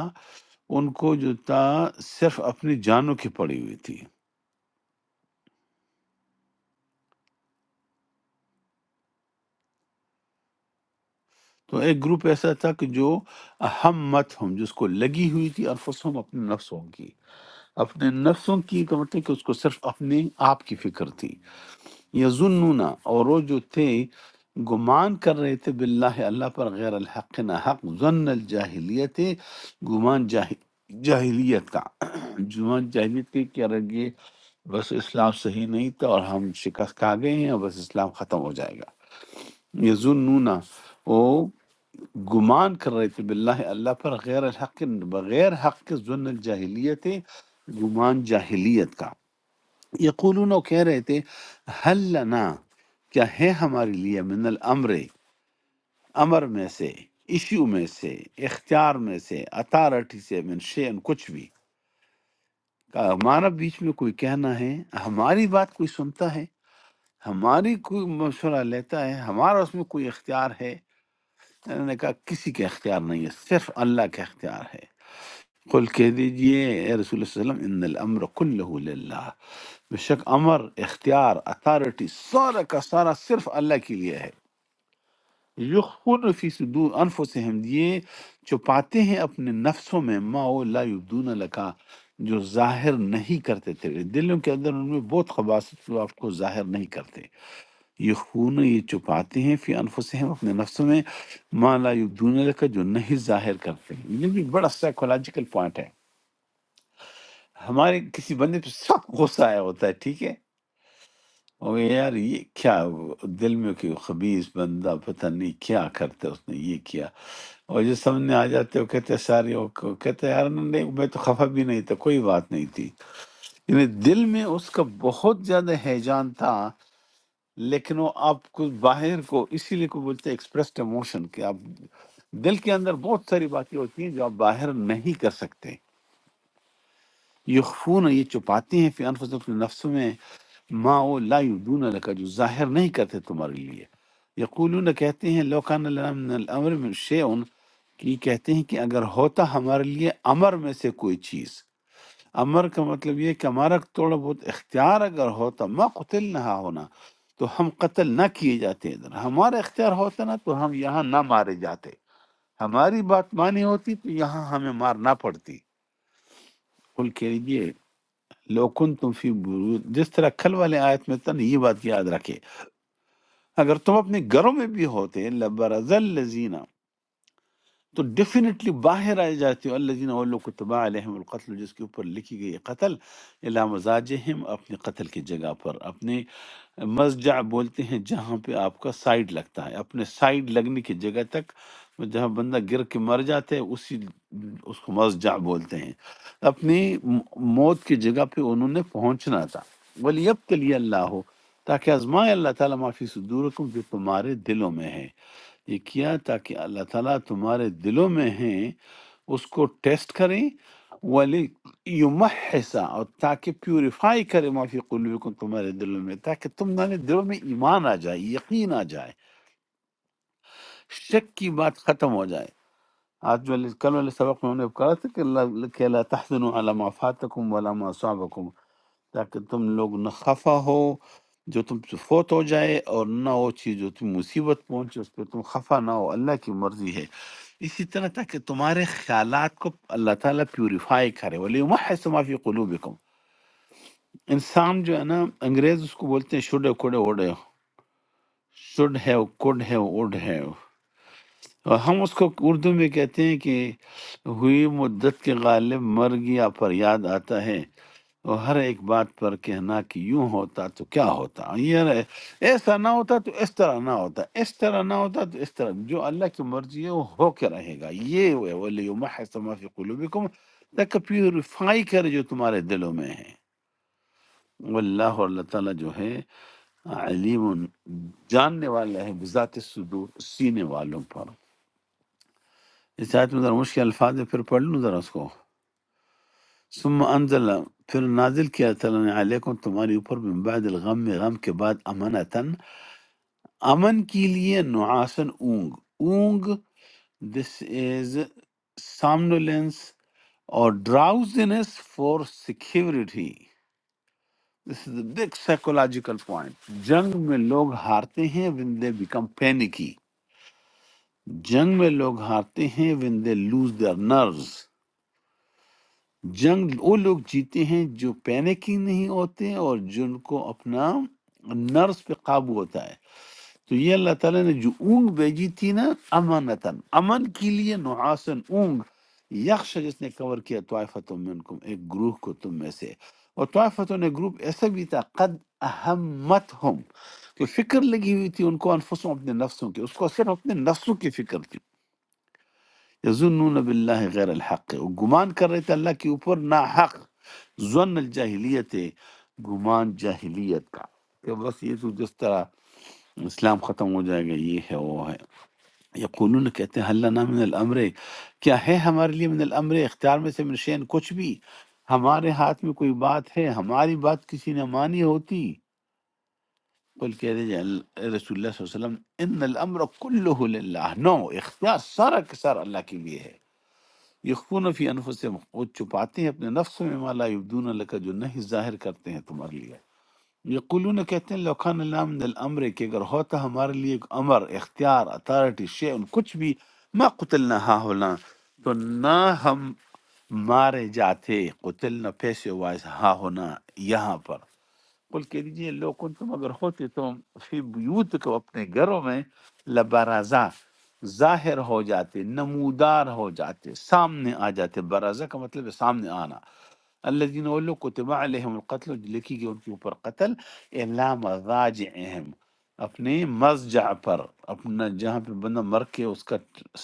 ان کو جو تھا صرف اپنی جانوں کی پڑی ہوئی تھی تو ایک گروپ ایسا تھا کہ جو ہمت ہم جس کو لگی ہوئی تھی انفسہم اپنے نفسوں کی اپنے نفسوں کی کا مطلب کہ اس کو صرف اپنے آپ کی فکر تھی یظنون اور وہ جو تھے گمان کر رہے تھے باللہ اللہ پر غیر الحق نہ حق ظن الجاہلیت گمان جاہل جاہلیت کا گمان جاہلیت کے کیا رہے بس اسلام صحیح نہیں تھا اور ہم شکست کھا گئے ہیں اور بس اسلام ختم ہو جائے گا یظنون وہ گمان کر رہے تھے باللہ اللہ پر غیر الحق بغیر حق کے ظن الجاہلیت گمان جاہلیت کا یقولون وہ کہہ رہے تھے حل لنا کیا ہے ہمارے لیے من الامر امر میں سے ایشو میں سے اختیار میں سے اتارٹی سے من شین کچھ بھی کہا ہمارا بیچ میں کوئی کہنا ہے ہماری بات کوئی سنتا ہے ہماری کوئی مشورہ لیتا ہے ہمارا اس میں کوئی اختیار ہے انہوں نے کہا کسی کے اختیار نہیں ہے صرف اللہ کے اختیار ہے قل کہہ دیجئے اے رسول اللہ صلی اللہ علیہ وسلم ان الامر کلہ للہ بے شک امر اختیار اتھارٹی سارا کا سارا صرف اللہ کے لیے ہے یخون فی صدور انفسہم یہ چھپاتے ہیں اپنے نفسوں میں ما او لا یبدون لکا جو ظاہر نہیں کرتے تیرے دلوں کے اندر ان میں بہت خباصت جو آپ کو ظاہر نہیں کرتے یخون یہ چھپاتے ہیں فی انفسہم اپنے نفسوں میں ما لا یبدون لکا جو نہیں ظاہر کرتے ہیں۔ یہ بھی بڑا سائیکولوجیکل پوائنٹ ہے ہمارے کسی بندے پہ سخت غصہ آیا ہوتا ہے ٹھیک ہے اور یار یہ کیا دل میں کوئی خبیص بندہ پتہ نہیں کیا کرتے اس نے یہ کیا اور جو سامنے آ جاتے وہ کہتے ساری وہ وہ کہتے یار نہیں میں تو خفا بھی نہیں تھا کوئی بات نہیں تھی یعنی دل میں اس کا بہت زیادہ ہیجان تھا لیکن وہ آپ کو باہر کو اسی لیے کو بولتے ایکسپریسڈ ایموشن کہ آپ دل کے اندر بہت ساری باتیں ہوتی ہیں جو آپ باہر نہیں کر سکتے یخفون یہ چھپاتے ہیں فی انفسہم اپنے نفسوں میں ما وہ لا یبدون لکا جو ظاہر نہیں کرتے تمہارے لیے یقولون کہتے ہیں لو کان لنا من الامر من شیء کہ یہ کہتے ہیں کہ اگر ہوتا ہمارے لیے امر میں سے کوئی چیز امر کا مطلب یہ ہے کہ ہمارا تھوڑا بہت اختیار اگر ہوتا ما قتل نہ ہونا تو ہم قتل نہ کیے جاتے ادھر ہمارا اختیار ہوتا نا تو ہم یہاں نہ مارے جاتے ہماری بات مانی ہوتی تو یہاں ہمیں مارنا پڑتی کل کہہ لیجیے لو کن تم فی بروج جس طرح کل والے آیت میں تھا نا یہ بات یاد رکھے اگر تم اپنے گھروں میں بھی ہوتے لبرز الذین تو ڈیفینیٹلی باہر آئے جاتے ہو الذین وہ لوگ کتبا علیہم القتل جس کے اوپر لکھی گئی ہے قتل الا مزاجہم اپنے قتل کی جگہ پر اپنے مسجع بولتے ہیں جہاں پہ آپ کا سائیڈ لگتا ہے اپنے سائیڈ لگنے کی جگہ تک جہاں بندہ گر کے مر جاتا ہے اسی اس کو مسجع بولتے ہیں اپنی موت کی جگہ پہ انہوں نے پہنچنا تھا ولیب کے لیے اللہ ہو تاکہ آزمائے اللہ تعالیٰ معافی صدورکم جو تمہارے دلوں میں ہے یہ کیا تاکہ اللہ تعالیٰ تمہارے دلوں میں ہیں اس کو ٹیسٹ کریں ولی یمحسا اور تاکہ پیوریفائی کرے معافی قلوبکم تمہارے دلوں میں تاکہ تمہارے دلوں میں ایمان آ جائے یقین آ جائے شک کی بات ختم ہو جائے آج والے کل والے سبق میں ہم نے کہا تھا کہ اللہ کہ لا تحزنوا علی ما فاتکم ولا ما صابكم، تاکہ تم لوگ نہ خفا ہو جو تم سے فوت ہو جائے اور نہ وہ چیز جو تم مصیبت پہنچے اس پہ تم خفا نہ ہو اللہ کی مرضی ہے اسی طرح تاکہ تمہارے خیالات کو اللہ تعالیٰ پیوریفائی کرے ولی ما فی قلوبکم انسان جو ہے نا انگریز اس کو بولتے ہیں شڈ کوڑے اوڑے شڈ ہے کوڈ ہے اوڈ ہے اور ہم اس کو اردو میں کہتے ہیں کہ ہوئی مدت کے غالب مر گیا پر یاد آتا ہے اور ہر ایک بات پر کہنا کہ یوں ہوتا تو کیا ہوتا یہ رہے- ایسا نہ ہوتا تو اس طرح نہ ہوتا اس طرح نہ ہوتا تو اس طرح جو اللہ کی مرضی ہے وہ ہو کے رہے گا یہ وہ ہے وَلِيُمَحِّصَ مَا فِي قُلُوبِكُمْ تاکہ پیوریفائی کرے جو تمہارے دلوں میں ہے واللہ اور اللہ تعالیٰ جو ہے علیم جاننے والا ہے بذات صدور سینے والوں پر اس آیت میں ذرا مشکل الفاظ ہے پھر پڑھ لوں ذرا اس کو ثم انزل پھر نازل کیا تعالیٰ نے علیکم تمہاری اوپر من بعد الغم غم کے بعد امنتن امن کے لیے نعاسن اونگ اونگ دس از سامنولینس اور drowsiness for security this is big psychological point جنگ میں لوگ ہارتے ہیں when they become panicky جنگ میں لوگ ہارتے ہیں when they lose their nerves جنگ وہ لوگ جیتے ہیں جو پینک ہی نہیں ہوتے اور جن کو اپنا نرس پہ قابو ہوتا ہے تو یہ اللہ تعالیٰ نے جو اونگ بھیجی تھی نا امانتاً امن کے لیے نحاسن اونگ یکش جس نے کور کیا طائفت منکم ایک گروہ کو تم میں سے اور طائفتوں نے گروپ ایسا بھی تھا قد اہمت ہم کہ فکر لگی ہوئی تھی ان کو انفسوں اپنے نفسوں کی اس کو صرف اپنے نفسوں کی فکر تھی یظنون باللہ غیر الحق وہ گمان کر رہے تھے اللہ کے اوپر نا حق ظن الجاہلیت ہے گمان جاہلیت کا کہ بس یہ تو جس طرح اسلام ختم ہو جائے گا یہ ہے وہ ہے یقولون کہتے ہیں حل لنا من الامر کیا ہے ہمارے لیے من الامر اختیار میں سے من شین کچھ بھی ہمارے ہاتھ میں کوئی بات ہے ہماری بات کسی نے مانی ہوتی قل کہہ دیجئے اللہ- رسول اللہ صلی اللہ علیہ وسلم ان الامر کلہ للہ نو اختیار سارا کے سارا اللہ کے لیے ہے یخون فی انفسہم وہ چھپاتے ہیں اپنے نفس میں ما لا یبدون لکا جو نہیں ظاہر کرتے ہیں تمہارے لیے یقولون کہتے ہیں لوکان اللہ من الامر کہ اگر ہوتا ہمارے لیے ایک امر اختیار اتھارٹی شیئن کچھ بھی ما قتلنا ہا ہونا تو نہ ہم مارے جاتے قتلنا پیسے وائز ہا ہونا یہاں پر قل کہہ دیجئے لو کن تم اگر ہوتے تم فی بیوت کو اپنے گھروں میں لبرازا ظاہر ہو جاتے نمودار ہو جاتے سامنے آ جاتے برازہ کا مطلب ہے سامنے آنا اللہ جن وہ لوگ کتبہ علیہم القتل جو لکھی گئی ان کے اوپر قتل الا مضاجعہم اپنے مضجع پر اپنا جہاں پہ بندہ مر کے اس کا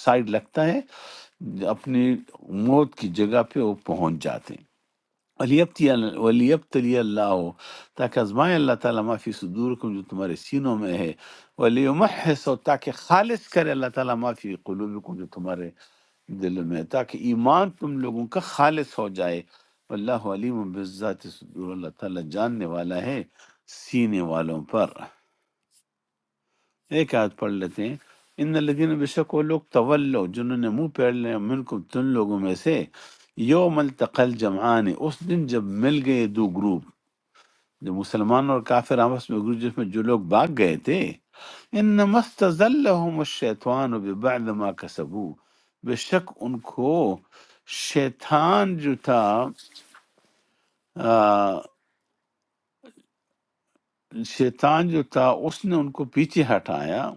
سائڈ لگتا ہے اپنی موت کی جگہ پہ وہ پہنچ جاتے ولیبتی ولیبتلی اللہ تاکہ آزمائے اللہ تعالیٰ ما فی صدورکم جو تمہارے سینوں میں ہے ولیمحص اور تاکہ خالص کرے اللہ تعالیٰ ما فی قلوبکم جو تمہارے دلوں میں ہے، تاکہ ایمان تم لوگوں کا خالص ہو جائے اللہ علیم بالذات صدور اللہ تعالیٰ جاننے والا ہے سینے والوں پر ایک آیت پڑھ لیتے ہیں ان الذین بے شک وہ لوگ تولو جنہوں نے منہ پھیر لیا منکم تم لوگوں میں سے یوم التقى الجمعان اس دن جب مل گئے دو گروپ جو مسلمان اور کافر آپس میں گروپ جس میں جو لوگ بھاگ گئے تھے انما استزلهم الشیطان ببعد ما کسبو بے شک ان کو شیطان جو تھا آ، شیطان جو تھا اس نے ان کو پیچھے ہٹایا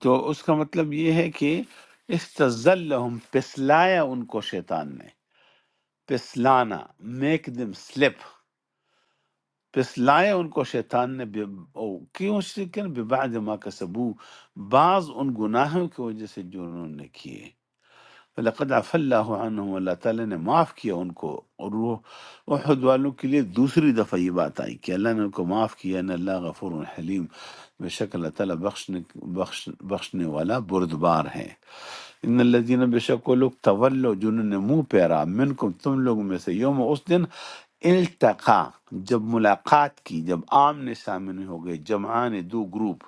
تو اس کا مطلب یہ ہے کہ استزلہم پسلایا ان کو شیطان نے پسلانا میک دم سلپ پسلایا ان کو شیطان نے بے- او- کیوں شرکن ببعد ما کسبو بعض ان گناہوں کی وجہ سے جو انہوں نے کیے لقد عف اللہ عنہم اللہ تعالیٰ نے معاف کیا ان کو اور وہ احد والوں کے لیے دوسری دفعہ یہ بات آئی کہ اللہ نے ان کو معاف کیا ان اللہ غفور حلیم بے شک اللہ تعالیٰ بخشنے بخش بخشنے والا بردبار ہے ان الذین بے شک وہ لوگ تولو جنہوں نے منہ پھیرا منکم تم لوگوں میں سے یوم اس دن التقا جب ملاقات کی جب آمنے سامنے ہو گئے جمعان دو گروپ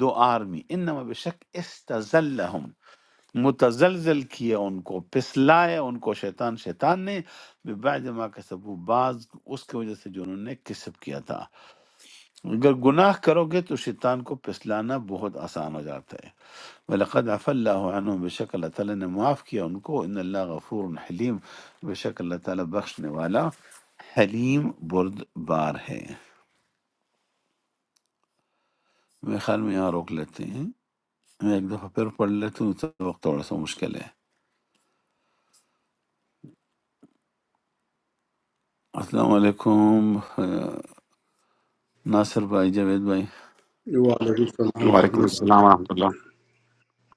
دو آرمی انما بے شک استزلہم متزلزل کیا ان کو پسلایا ان کو شیطان شیطان نے بعد ما کسبو بعض اس کی وجہ سے جو انہوں نے کسب کیا تھا اگر گناہ کرو گے تو شیطان کو پسلانا بہت آسان ہو جاتا ہے وَلَقَدْ عَفَى اللَّهُ عَنْهُمْ بے شک اللہ تعالیٰ نے معاف کیا ان کو ان اللہ غفور حلیم بے شک اللہ تعالیٰ بخشنے والا حلیم بردبار ہے میرے خیال میں یہاں روک لیتے ہیں میں ایک دفعہ پھر پڑھ لیتا ہوں اس وقت تھوڑا سا مشکل ہے السلام علیکم آ، ناصر بھائی جاوید بھائی
وعلیکم السلام ورحمۃ
وعلیکم
اللہ
السلام ورحمۃ اللہ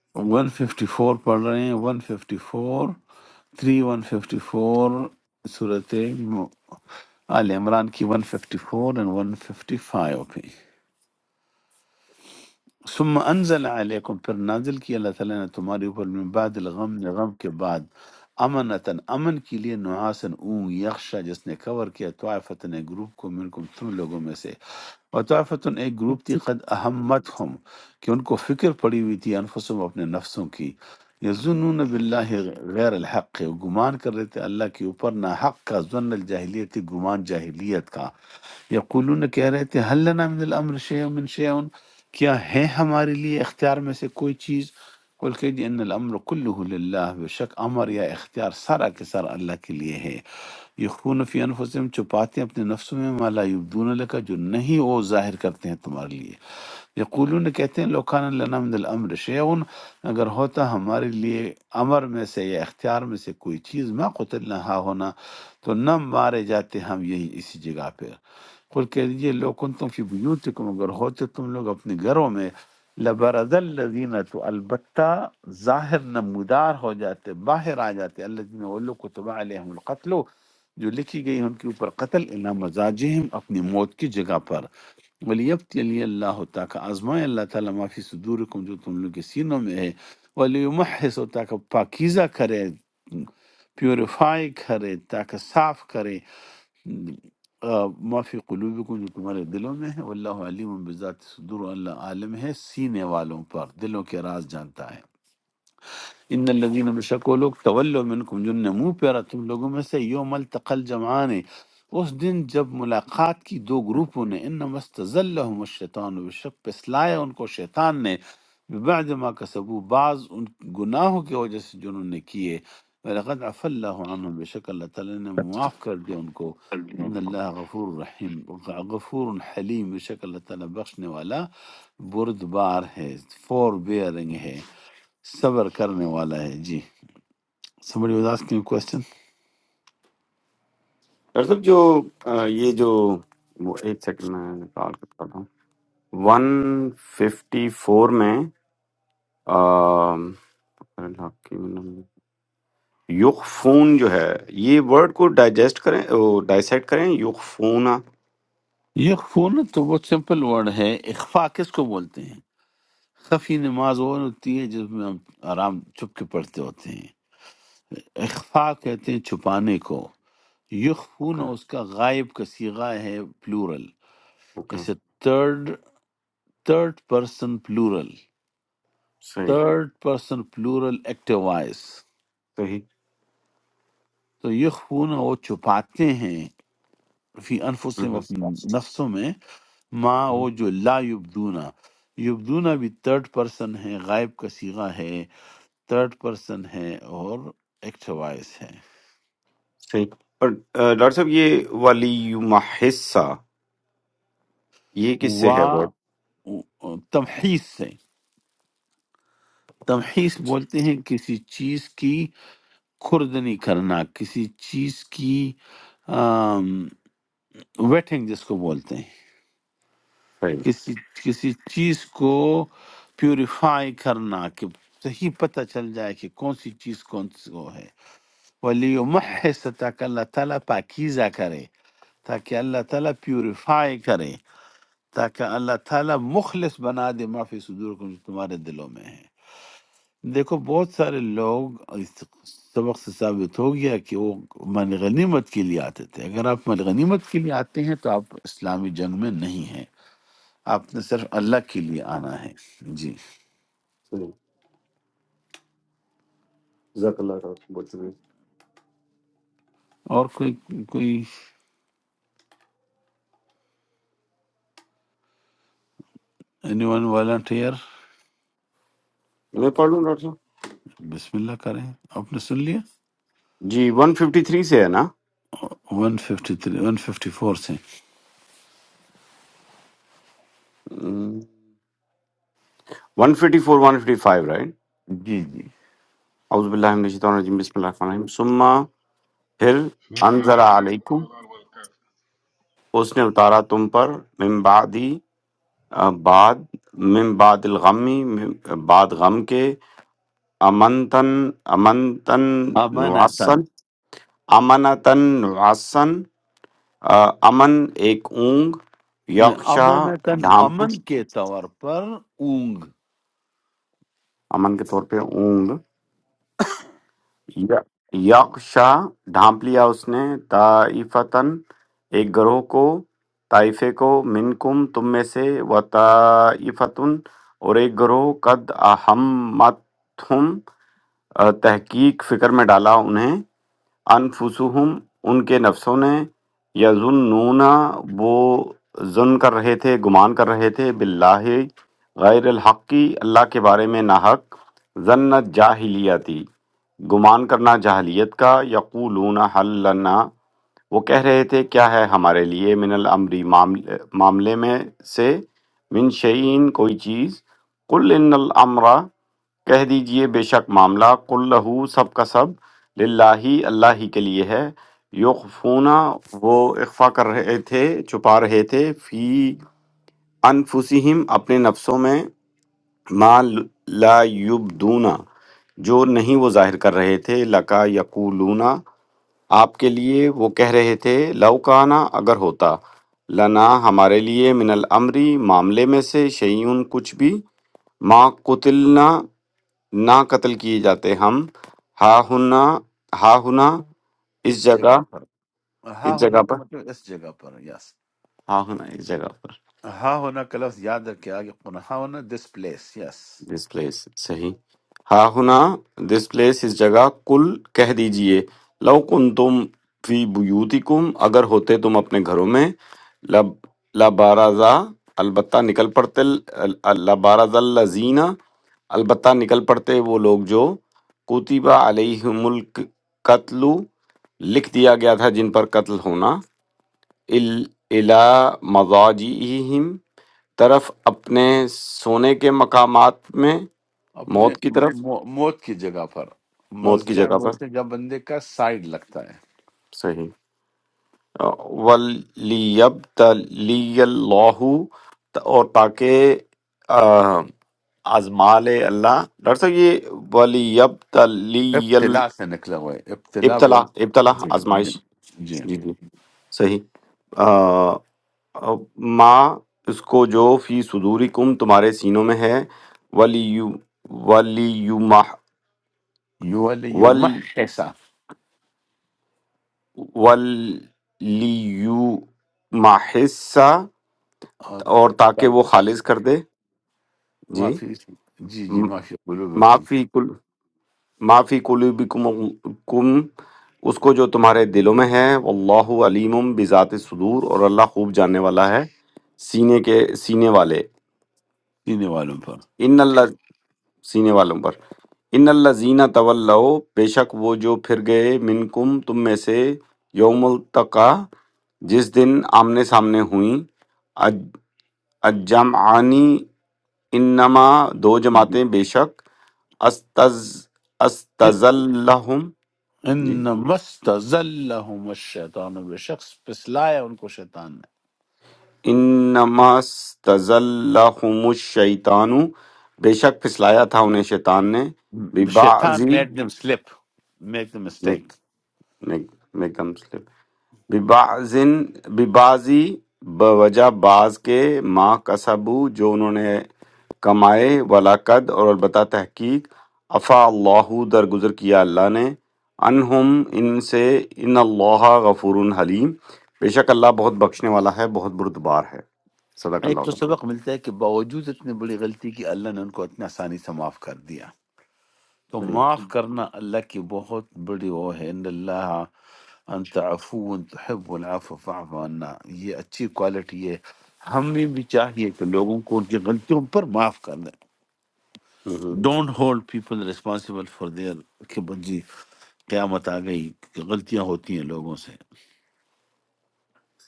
154 پڑھ رہے ہیں 154 3154 صورت آل عمران کی 154 and 155 پہ ثم انزل علیکم پھر نازل کیا اللہ تعالیٰ نے تمہارے اوپر من بعد الغم غم کے بعد امنتن امن کے لیے نعاسن اون یخشا جس نے کور کیا طائفتن ایک گروپ کو منکم تم لوگوں میں سے اور طائفتن ایک گروپ تھی قد اہمت ہم کہ ان کو فکر پڑی ہوئی تھی انفسوں اپنے نفسوں کی یظنون باللہ غیر الحق وہ گمان کر رہے تھے اللہ کے اوپر نہ حق کا ظن الجاہلیت گمان جاہلیت کا یقولون کہہ رہے تھے حل لنا من الامر شیء من شیء کیا ہے ہمارے لیے اختیار میں سے کوئی چیز قل کہ جی ان الامر کله لله بے شک امر یا اختیار سارا کے سارا اللہ کے لیے ہے یخون فی انفسهم چھپاتے ہیں اپنے نفسوں میں ما لا یبدون لک جو نہیں وہ ظاہر کرتے ہیں تمہارے لیے یقولون کہتے ہیں لو کان لنا من الامر شیء اگر ہوتا ہمارے لیے امر میں سے یا اختیار میں سے کوئی چیز ما قتلنا ہا ہونا تو نہ مارے جاتے ہم یہی اسی جگہ پہ قل کہہ دیجئے لو کنتم فی بیوتکم اگر ہوتے تم لوگ اپنے گھروں میں لبرز الذین تو البتہ ظاہر نمودار ہو جاتے باہر آ جاتے الذین وہ لوگ کتب علیہم القتل جو لکھی گئی ان کے اوپر قتل الا مزاجہم اپنی موت کی جگہ پر ولیبتی علی اللہ تاکہ آزمائے اللہ تعالیٰ ما فی صدورکم جو تم لوگ کے سینوں میں ہے ولیمحص تاکہ پاکیزہ کرے پیوریفائی کرے تاکہ صاف کرے آ، ما فی قلوبکم جو تمہارے دلوں میں ہے واللہ علیم بذات صدور اللہ عالم ہے سینے والوں پر دلوں کے راز جانتا ہے ان الذین بشک وہ لوگ تولوا منکم جن نے منہ پیرا تم لوگوں میں سے یوم التقل جمعان اس دن جب ملاقات کی دو گروپوں نے انما استزلهم الشیطان بشک پسلایا ان کو شیطان نے بعد ما کسبو بعض ان گناہوں کی وجہ سے جو انہوں نے کیے ولقد عفا اللہ عنہم بشک اللہ تعالی نے معاف کر دیا ان کو ان
ڈاکٹر
اللہ غفور رحیم غفور حلیم بشک اللہ تعالی بخشنے والا بردبار ہے فور بیئرنگ ہے صبر کرنے والا ہے جی somebody was asking a question
صاحب جو آ، یہ جو وہ ایک سیکنڈ میں نکال کے بتاتا ہوں ون ففٹی فور میں آم، اللہ کی نم- یخفون جو ہے یہ ورڈ کو ڈائجسٹ کریں ڈائسیکٹ کریں یخفون
یہ خونت تو بہت سمپل ورڈ ہے اخفا کس کو بولتے ہیں خفی نماز وہ ہوتی ہے جس میں ہم آرام چھپ کے پڑھتے ہوتے ہیں اخفا کہتے ہیں چھپانے کو یخفون
اوکے
اس کا غائب کا سیغہ ہے پلورل
اوکے
اسے تھرڈ تھرڈ پرسن پلورل
صحیح
third person plural active voice
صحیح
تو یخفون وہ چھپاتے ہیں فی انفسہم
ہمم،
اپنے
ہمم،
نفسوں میں ما وہ جو لا یبدونا یبدونا بھی تھرڈ پرسن ہے غائب کا سیغہ ہے تھرڈ پرسن ہے اور ایکٹ وائز ہے
صحیح اور آ، ڈاکٹر صاحب یہ والی حصہ یہ کس سے ہے
وا
ورڈ
تمحیص سے تمحیص
اچھا
بولتے ہیں کسی چیز کی کھردنی کرنا کسی چیز کی ویٹنگ جس کو بولتے ہیں
صحیح
کسی کسی چیز کو پیوریفائی کرنا کہ صحیح پتہ چل جائے کہ کون سی چیز کون سی وہ ہے ولی محس تاکہ اللہ تعالیٰ پاکیزہ کرے تاکہ اللہ تعالیٰ پیوریفائی کرے تاکہ اللہ تعالیٰ مخلص بنا دے معافی صدور کو جو تمہارے دلوں میں ہے دیکھو بہت سارے لوگ اس سبق سے ثابت ہو گیا کہ وہ من غنیمت کے لیے آتے تھے اگر آپ من غنیمت کے لیے آتے ہیں تو آپ اسلامی جنگ میں نہیں ہیں آپ نے صرف اللہ کے لیے آنا ہے جی
صحیح جزاک اللہ ڈاکٹر صاحب، بہت شکریہ
اور کوئی کوئی اینی ون والنٹیئر
میں پڑھ لوں ڈاکٹر صاحب
بسم اللہ کریں آپ نے سن لیا
جی 153 سے ہے نا
one fifty three one fifty four سے
ہم، 154 155 رائٹ
جی جی
اعوذ باللہ من الشیطان الرجیم بسم اللہ الرحمن
Sunnah Ali
الرحیم ثم پھر
said, "O Allah,
انزل
the
علیکم
Most Merciful."
اس نے اتارا تم پر من بعدی آ، بعد من بعد الغمی من بعد غم کے امنتن امنتن
امنتن
نعسن امنتن نعسن آ، امن ایک اونگ
نہیں،
یقشا
امنتن
ڈھانپ
امن کے طور پر اونگ
امن کے طور پہ اونگ یقشا ڈھانپ لیا اس نے طائفتن ایک گروہ کو طائفے کو منکم تم میں سے و طائفتن اور ایک گروہ قد احمتہم تحقیق فکر میں ڈالا انہیں انفسہم ان کے نفسوں نے یظنون وہ ظن کر رہے تھے گمان کر رہے تھے باللہ غیر الحق کی اللہ کے بارے میں ناحق ظن جاہلیتی گمان کرنا جاہلیت کا یقولون حل لنا وہ کہہ رہے تھے کیا ہے ہمارے لیے من الامری معاملے معاملے میں سے من شعین کوئی چیز قل ان الامر کہہ دیجئے بے شک معاملہ قل لہو سب کا سب للہ اللہ ہی کے لیے ہے یخفونا وہ اخفا کر رہے تھے چھپا رہے تھے فی انفسہم اپنے نفسوں میں ما لا یبدونا جو نہیں وہ ظاہر کر رہے تھے لکا یقولونا آپ کے لیے وہ کہہ رہے تھے لوکانا اگر ہوتا لنا ہمارے لیے من الامری معاملے میں سے شیئن کچھ بھی ما قتلنا نہ قتل کیے جاتے ہم ہا ہنا ہا ہنا
اس
اس جگہ
جگہ پر ہا
اس
ہونا
جگہ پر
کا مطلب اس جگہ پر یس
ہا ہنا اس جگہ پر
ہا ہونا کا لفظ یاد رکھے آگے قرآن ہا ہونا this place yes
this place صحیح ہا ہنا دس پلیس اس جگہ کل کہہ دیجئے لو کن تم فی بیوتکم اگر ہوتے تم اپنے گھروں میں لب لبارزا البتہ نکل پڑتے لبارز الزینہ البتہ نکل پڑتے وہ لوگ جو کوتیبہ علیہم القتل لکھ دیا گیا تھا جن پر قتل ہونا الا مضاجعہم طرف اپنے سونے کے مقامات میں موت
اپنے
کی طرف
مو- موت کی جگہ پر
موت کی
مزجع
جگہ پر
بولتے ہیں جب بندے کا سائیڈ لگتا ہے
صحیح وَلِيَبْتَلِيَ اللَّهُ اور تاکہ آ، آزما لے اللہ ڈاکٹر صاحب یہ وَلِيَبْتَلِيَ ال-
ابتلا سے نکلا ہوا ہے ابتلا
ابتلا
بول
ابتلا
جی جی
آزمائش
جی
جی جی صحیح آ، آ، ماں اس کو جو فی صدورکم تمہارے سینوں میں ہے ولی ولیمح
یو علی یو
ول ولیمحسا اور تاکہ وہ خالص کر دے جی
معافی جی جی
م-
معافی
ما
قلوبکم
فی کل ما فی قلوبکم کم اس کو جو تمہارے دلوں میں ہے واللہ علیم بذات صدور اور اللہ خوب جاننے والا ہے سینے کے سینے والے
سینے والوں پر
ان اللہ سینے والوں پر ان اللہ زینہ طلّہ بے شک وہ جو پھر گئے منکم تم میں سے یوم التقا جس دن آمنے سامنے ہوئیں اج- الجمعانی انما دو جماعتیں بے شک استز استزلہم
ان
جی
مستزلہم الشیطان بے شخص پسلایا ان کو شیطان
انما استزلہم الشیطان بے شک پھسلایا تھا انہیں شیطان نے
نے شیطان
ببعضی
made them slip make them mistake
ببعضن ببعضی بوجہ بعض کے ما کسبو جو انہوں نے کمائے ولاقد اور البتہ تحقیق افا اللہ درگزر کیا اللہ نے انہم ان سے ان اللہ غفور حلیم بے شک اللہ بہت بخشنے والا ہے بہت بردبار ہے صدق اللہ
ایک تو
العظیم
سبق ملتا ہے کہ باوجود اتنی بڑی غلطی کی اللہ نے ان کو اتنی آسانی سے معاف کر دیا تو معاف
صحیح
کرنا اللہ کی بہت بڑی وہ ہے ان اللہ انت عفو تحب العفو فاعف عنا یہ اچھی کوالٹی ہے ہمیں بھی چاہیے کہ لوگوں کو ان کی غلطیوں پر معاف کر دیں
hmm,
don't hold people responsible for their کہ بس جی قیامت آ گئی کہ غلطیاں ہوتی ہیں لوگوں سے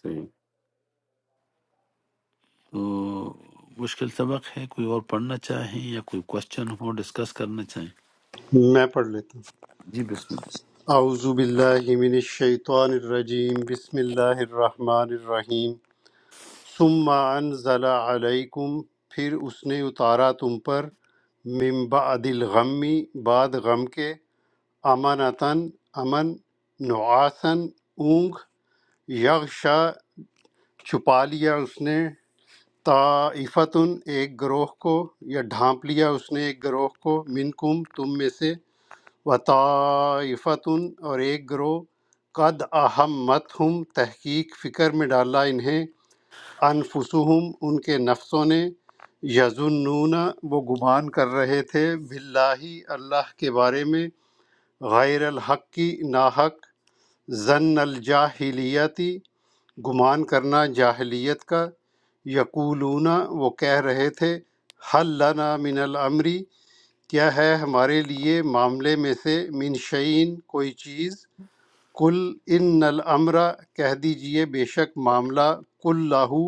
صحیح
تو مشکل سبق ہے کوئی اور پڑھنا چاہیں یا کوئی کوشچن ہو ڈسکس کرنا چاہیں
میں پڑھ لیتا ہوں
جی بسم اللہ
اعوذ باللہ من الشیطان الرجیم بسم اللہ الرحمن الرحیم ثم انزل علیکم پھر اس نے اتارا تم پر من بعد الغمی بعد غم کے امانتن امن نعاسن اونگ یغشا چھپا لیا اس نے طائفتن ایک گروہ کو یا ڈھانپ لیا اس نے ایک گروہ کو منکم تم میں سے و طائفتن اور ایک گروہ قد اہمت ہم تحقیق فکر میں ڈالا انہیں انفسہم ان کے نفسوں نے یظنون وہ گمان کر رہے تھے باللہ اللہ کے بارے میں غیر الحق کی ناحق ظن الجاہلیتی گمان کرنا جاہلیت کا یقولون وہ کہہ رہے تھے حل لنا من الامری کیا ہے ہمارے لیے معاملے میں سے من شعین کوئی چیز کل ان الامر کہہ دیجئے بے شک معاملہ کل لاہو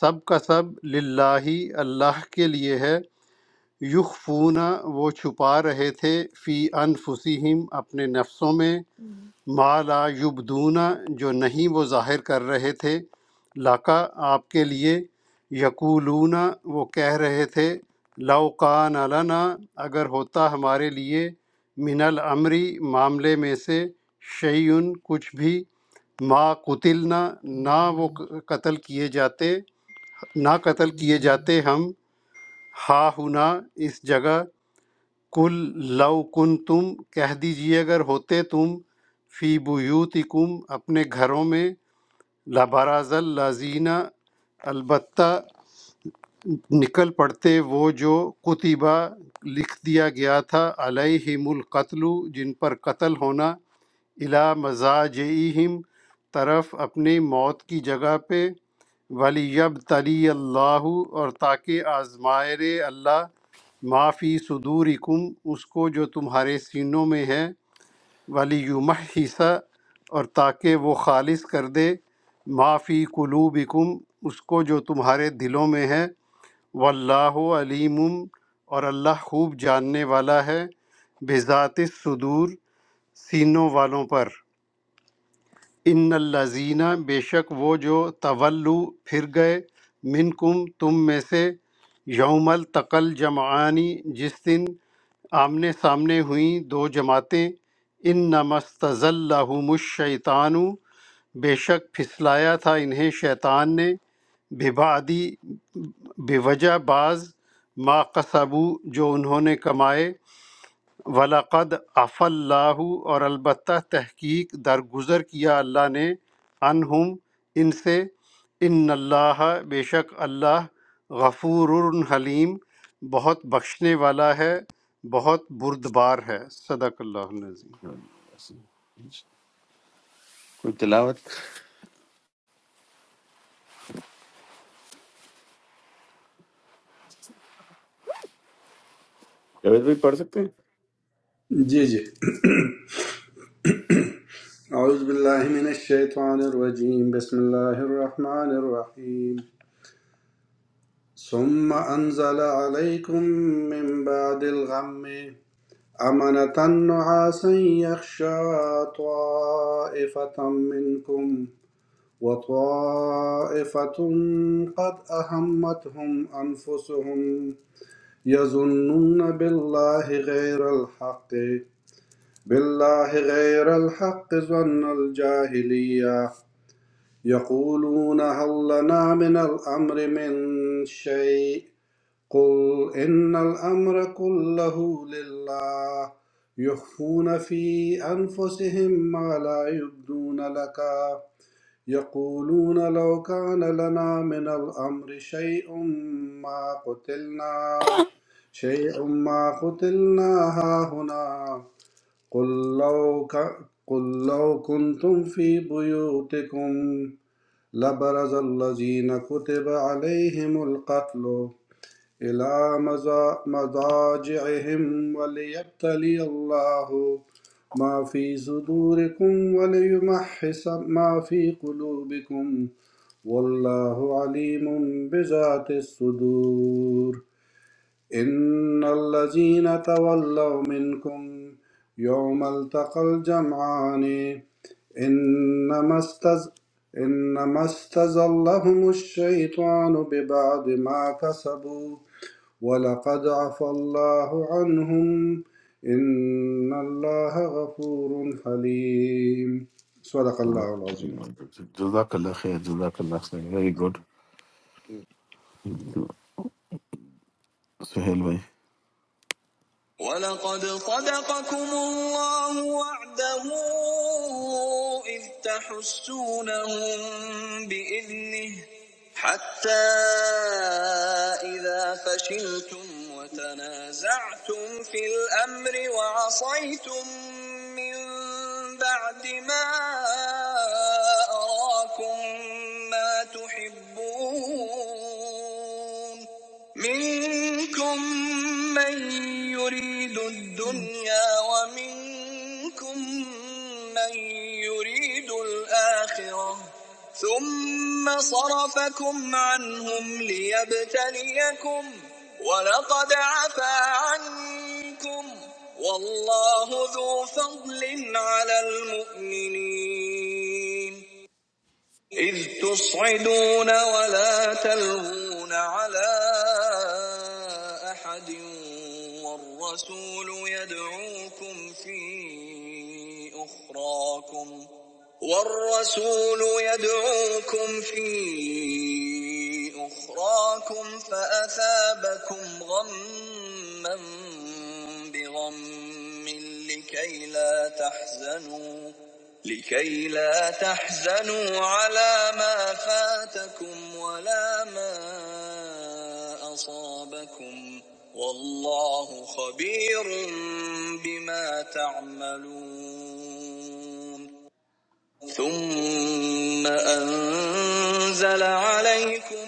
سب کا سب للہ اللہ کے لیے ہے یخفون وہ چھپا رہے تھے فی انفسہم اپنے نفسوں میں ما لا یبدونا جو نہیں وہ ظاہر کر رہے تھے لکا آپ کے لیے یقولون وہ کہہ رہے تھے لو کان لنا اگر ہوتا ہمارے لیے من الامری معاملے میں سے شیئن کچھ بھی ما قتلنا نہ وہ قتل کیے جاتے نہ قتل کیے جاتے ہم ہا ہنا اس جگہ کل لو کن تم کہہ دیجیے اگر ہوتے تم فی بیوتکم اپنے گھروں میں لبراز الازینہ البتہ نکل پڑتے وہ جو کتبہ لکھ دیا گیا تھا علیہم القتل جن پر قتل ہونا الا مزاجہم طرف اپنی موت کی جگہ پہ ولی یب تلی اللہ اور تاکہ آزمائے رے اللہ معافی صدورکم اس کو جو تمہارے سینوں میں ہے ولی یمحص اور تاکہ وہ خالص کر دے معافی قلوبکم اس کو جو تمہارے دلوں میں ہے واللہ علیم اور اللہ خوب جاننے والا ہے بذات الصدور سینوں والوں پر ان الزینہ بے شک وہ جو طولو پھر گئے منکم تم میں سے یوم التقل جمعانی جس دن آمنے سامنے ہوئیں دو جماعتیں ان نمستلّہم الشیطان بے شک پھسلایا تھا انہیں شیطان نے ببادی بوجہ بعض ما قصبو جو انہوں نے کمائے ولاقد اف اللہ اور البتہ تحقیق درگزر کیا اللہ نے عنہم ان سے ان اللہ بے شک اللہ غفور حلیم بہت بخشنے والا ہے بہت بردبار ہے صدق اللہ العظیم
کوئی تلاوت
جاوید بھائی پڑھ سکتے ہیں
جی جی اعوذ باللہ من الشیطان الرجیم بسم اللہ الرحمن الرحیم ثم انزل علیکم من بعد الغم امنة نعاسا يخشى طائفة منكم وطائفة قد أهمتهم أنفسهم يظنون بالله غير الحق بالله غير الحق ظن الجاهلية يقولون هل لنا من الأمر من شيء قل إن الأمر كله لله يخفون في أنفسهم ما لا يبدون لك يقولون لو كان لنا من الأمر شيء ما قتلنا شيء ما قتلنا هاهنا قل لو ك... قل لو كنتم في بيوتكم لبرز الذين كتب عليهم القتل إلى مزا- مضاجعهم وليبتلي الله ما في صدوركم وليمحص ما في قلوبكم والله عليم بذات الصدور إن الذين تولوا منكم يوم التقى الجمعان إنما استز إنما استزلهم الشيطان ببعد ما كسبوا ولقد عفى الله عنهم إن الله غفور حليم صدق الله العظيم
جزاک اللہ خیر جزاک اللہ خیر ویری گڈ. سہیل بھائی
ولقد صدقكم الله وعده إذ تحسونهم بإذنه حتى إذا فشلتم وتنازعتم في الأمر وعصيتم من بعد ما أراكم ما تحبون منكم من يريد الدنيا ومنكم من يريد الآخرة ثم صرفكم عنهم ليبتليكم ولقد عفا عنكم والله ذو فضل على المؤمنين إذ تصعدون ولا تلغون على أحد والرسول يدعوكم في أخراكم والرسول يدعوكم في أخراكم فأثابكم غما بغم لكي لا تحزنوا لكي لا تحزنوا على ما فاتكم ولا ما أصابكم والله خبير بما تعملون ثم أنزل عليكم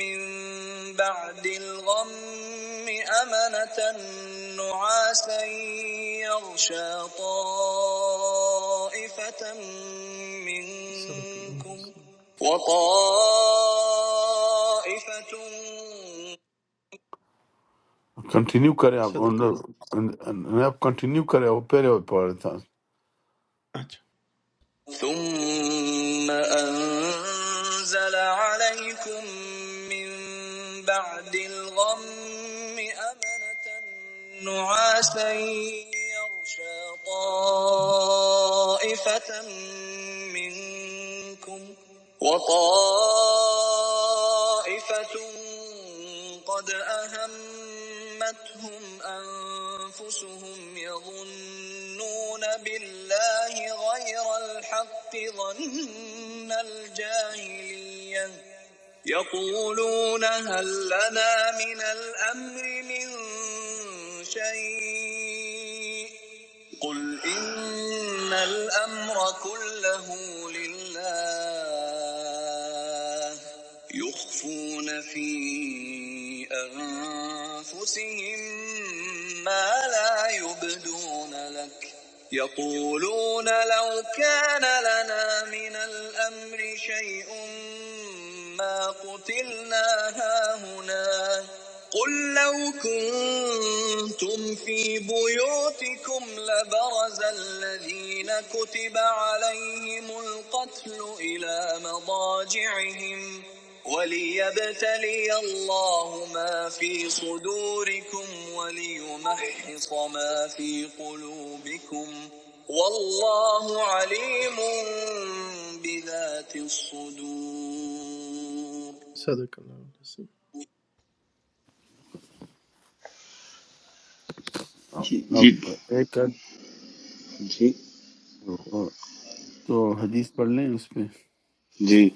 من بعد الغم أمنة نعاسا يغشى طائفة منكم وطائفة
کنٹینیو کریں آپ ان-
صدق الله
ان- ان- آپ کنٹینیو کریں وہ پہلے وہ پڑھ رہا تھا
أجل ثم أنزل عليكم من بعد الغم أمنة نعاسا يغشى طائفة منكم وطائفة قد أهمتهم أنفسهم يظنون بالله غير الحق ظن الجاهلية يقولون هل لنا من الأمر من شيء قل إن الأمر كله لله يخفون في أنفسهم ما لا يبدون لك يقولون لو كان لنا من الأمر شيء ما قتلنا هاهنا قل لو كنتم في بيوتكم لبرز الذين كتب عليهم القتل إلى مضاجعهم وليبتلي الله ما في صدوركم وليمحص ما في قلوبكم والله عليم بذات الصدور صدق اللہ علیہ وسلم
جی جی
آپ ایک
جی
تو حدیث پڑھ لیں اس پہ
جی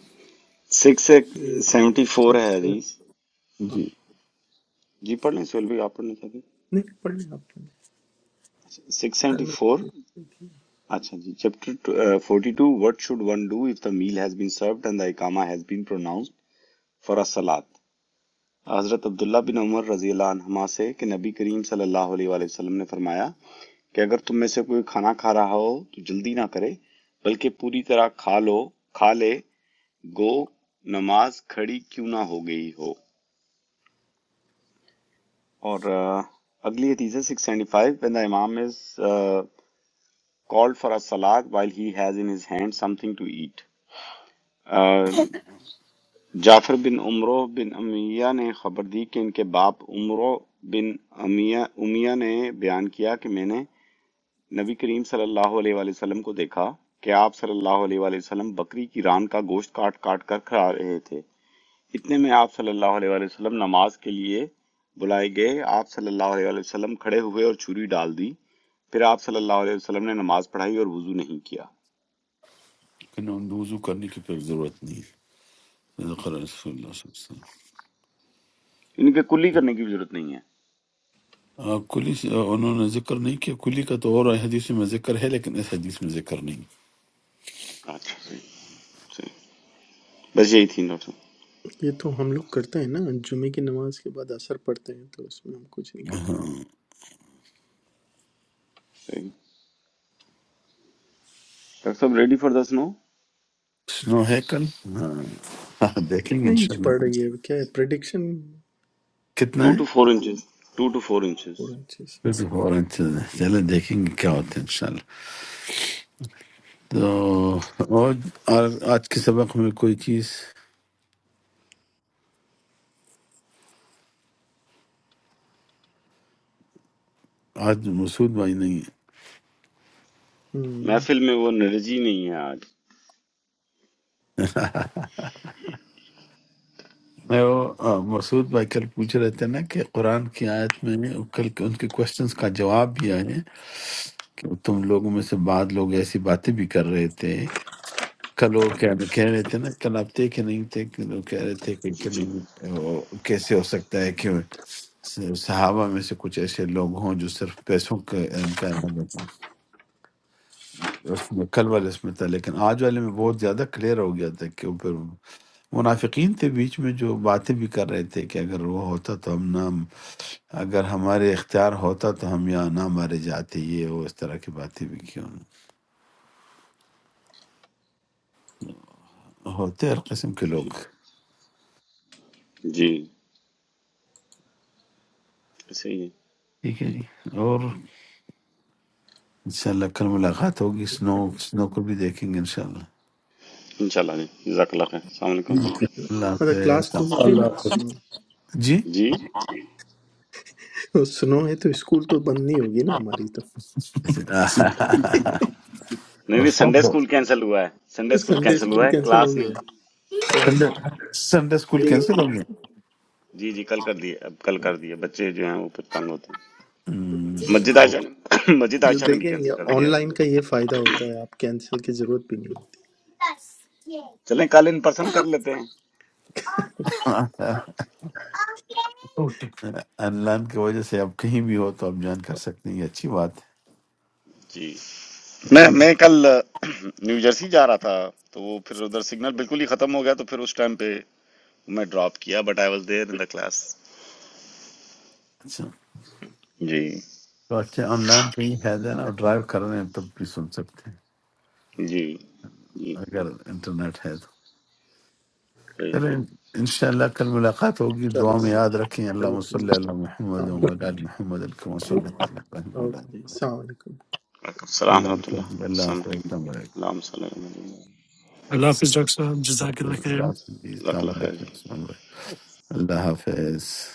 سکس
یہ
سیونٹی فور ہے
سکس
حدیث
ہاں
جی
جی پڑھ لیں سہیل بھی آپ پڑھنا چاہتے ہیں
نہیں پڑھ لیں آپ نے
سکس
کل
سیونٹی
میں
فور اچھا جی chapter forty two what should one do if the meal has been served and the اقامہ ہیز بین پروناؤنسڈ فار الصلاۃ حضرت عبداللہ بن عمر رضی اللہ عنہما سے کہ نبی کریم صلی اللہ علیہ وآلہ وسلم نے فرمایا کہ اگر تم میں سے کوئی کھانا کھا رہا ہو تو جلدی نہ کرے بلکہ پوری طرح کھا لو کھا لے گو نماز کھڑی کیوں نہ ہو گئی ہو اور آ، اگلی حدیث ہے six seventy five when the امام از کالڈ فار a سلاد while he has in his hand something to eat آ، جعفر بن عمرو بن امیہ نے خبر دی کہ ان کے باپ عمرو بن امیہ امیہ نے بیان کیا کہ میں نے نبی کریم صلی اللہ علیہ وآلہ وسلم کو دیکھا کہ آپ صلی اللہ علیہ وآلہ وسلم بکری کی ران کا گوشت کاٹ کاٹ کر کھا رہے تھے اتنے میں آپ صلی اللہ علیہ وآلہ وسلم نماز کے لیے بلائے گئے آپ صلی اللہ علیہ وآلہ وسلم کھڑے ہوئے اور چھری ڈال دی پھر آپ صلی اللہ علیہ وسلم نے نماز پڑھائی اور وضو نہیں کیا
کہ نون وضو کرنے کی پھر ضرورت نہیں ہے صدق رسول اللہ
صحیح۔
صلی اللہ علیہ وسلم
ان کے کلی کرنے کی بھی ضرورت نہیں ہے
آ، کلی سے- آ، انہوں نے ذکر نہیں کیا کلی کا تو اور حدیث میں ذکر ہے لیکن اس حدیث میں ذکر نہیں
اچھا صحیح بس یہی تھی ڈاکٹر صاحب
یہ تو ہم لوگ کرتے ہیں نا جمعے کی نماز کے بعد اثر پڑھتے ہیں تو اس میں ہم کچھ نہیں کرتے
صحیح ڈاکٹر صاحب ریڈی فار دا سنو
سنو ہے کل ہاں، دیکھیں گے
کتنے انچ پڑھ
انشاءاللہ
رہی ہے کیا ہے پریڈکشن
کتنا
ٹو ٹو
ہے
four inches two two four inches
four inches
فورن چلیں دیکھیں گے کیا ہوتا ہے انشاءاللہ تو اور اور آج کے سبق میں کوئی چیز آج مسعود بھائی نہیں ہے
محفل میں وہ انرجی نہیں ہے آج
میں وہ آ، مسعود بھائی کل پوچھ رہے تھے نا کہ قرآن کی آیت میں کل کے ان کے کوشچنس کا جواب بھی آئے کہ تم لوگوں میں سے بعض لوگ ایسی باتیں بھی کر رہے تھے کل وہ کہہ کہہ رہے تھے نا کل آپ تھے کہ نہیں تھے کہ وہ کہہ رہے تھے کہ
جی
کہ وہ کیسے ہو سکتا ہے کہ صحابہ میں سے کچھ ایسے لوگ ہوں جو صرف پیسوں کا ان کا اس میں کل والے اس میں تھا لیکن آج والے میں بہت زیادہ کلیئر ہو گیا تھا کہ وہ پھر منافقین تھے بیچ میں جو باتیں بھی کر رہے تھے کہ اگر وہ ہوتا تو ہم نہ اگر ہمارے اختیار ہوتا تو ہم یہاں نہ مارے جاتے یہ وہ اس طرح کی باتیں بھی کیوں ہوتے ہر قسم کے لوگ
جی جی صحیح ہے
ٹھیک ہے جی اور انشاءاللہ کل ملاقات ہوگی سنو سنو کو بھی دیکھیں گے انشاءاللہ
انشاءاللہ جی جزاک اللہ خیر السلام علیکم ورحمۃ اللہ
اللہ
مطلب کلاس تو
حافظ
ہوگی نا
الله
سنو
جی
جی نہیں
تو سنو ہے تو اسکول تو بند نہیں ہوگی نا ہماری تو
اور
نہیں سنڈے
سنڈے
اسکول کینسل ہوا ہے Sunday school
Sunday
cancel
school
ہوا ہے
کینسل
کلاس
ہو
نہیں
گیا ہے کلاس
سنڈے اسکول کینسل ہو گیا
جی جی کل کر دیے اب کل کر دیے بچے جو ہیں وہ پھر تنگ ہوتے ہیں مسجد عائشہ نے مسجد
جو
عائشہ نے بھی
دیکھیں یہ
کینسل کر
آن
دیا ہے
لائن کا یہ فائدہ ہوتا ہے آپ کینسل کی ضرورت بھی نہیں ہوتی
چلیں کل ان پرسن کر لیتے ہیں
ہم۔
اوکے
آن لائن کی وجہ سے آپ کہیں بھی ہو تو آپ جوائن کر سکتے ہیں یہ اچھی بات ہے
جی میں میں
اللہ
کل نیو جرسی جا رہا تھا تو وہ پھر ادھر سگنل بالکل ہی ختم ہو گیا تو پھر اس ٹائم پہ میں ڈراپ کیا but I was there in the class
اچھا
جی
تو اچھا آن لائن کا یہ فائدہ ہے نا آپ ڈرائیو کر رہے ہیں تب بھی سن سکتے ہیں
جی جی
اگر انٹرنیٹ ہے تو
صحیح۔
چلے انشاءاللہ کل ملاقات ہوگی دعا میں
چلے
یاد رکھیں اللہ
اوکے جی
صلی اللہ محمد و
السلام علیکم
علی آل محمد الکم صلی اللہ علیہ وسلم
اوکے جی السلام علیکم
وعلیکم السلام
اللہ
ورحمۃ اللہ
حافظ اللہ
السلام السلام علیکم اللہ
حافظ ڈاکٹر صاحب جزاک اللہ خیر
حافظ
حافظ جزاک
السلام علیکم اللہ حافظ اللہ حافظ السلام
اللہ خیر
علیکم
جی
السلام علیکم۔ اللہ حافظ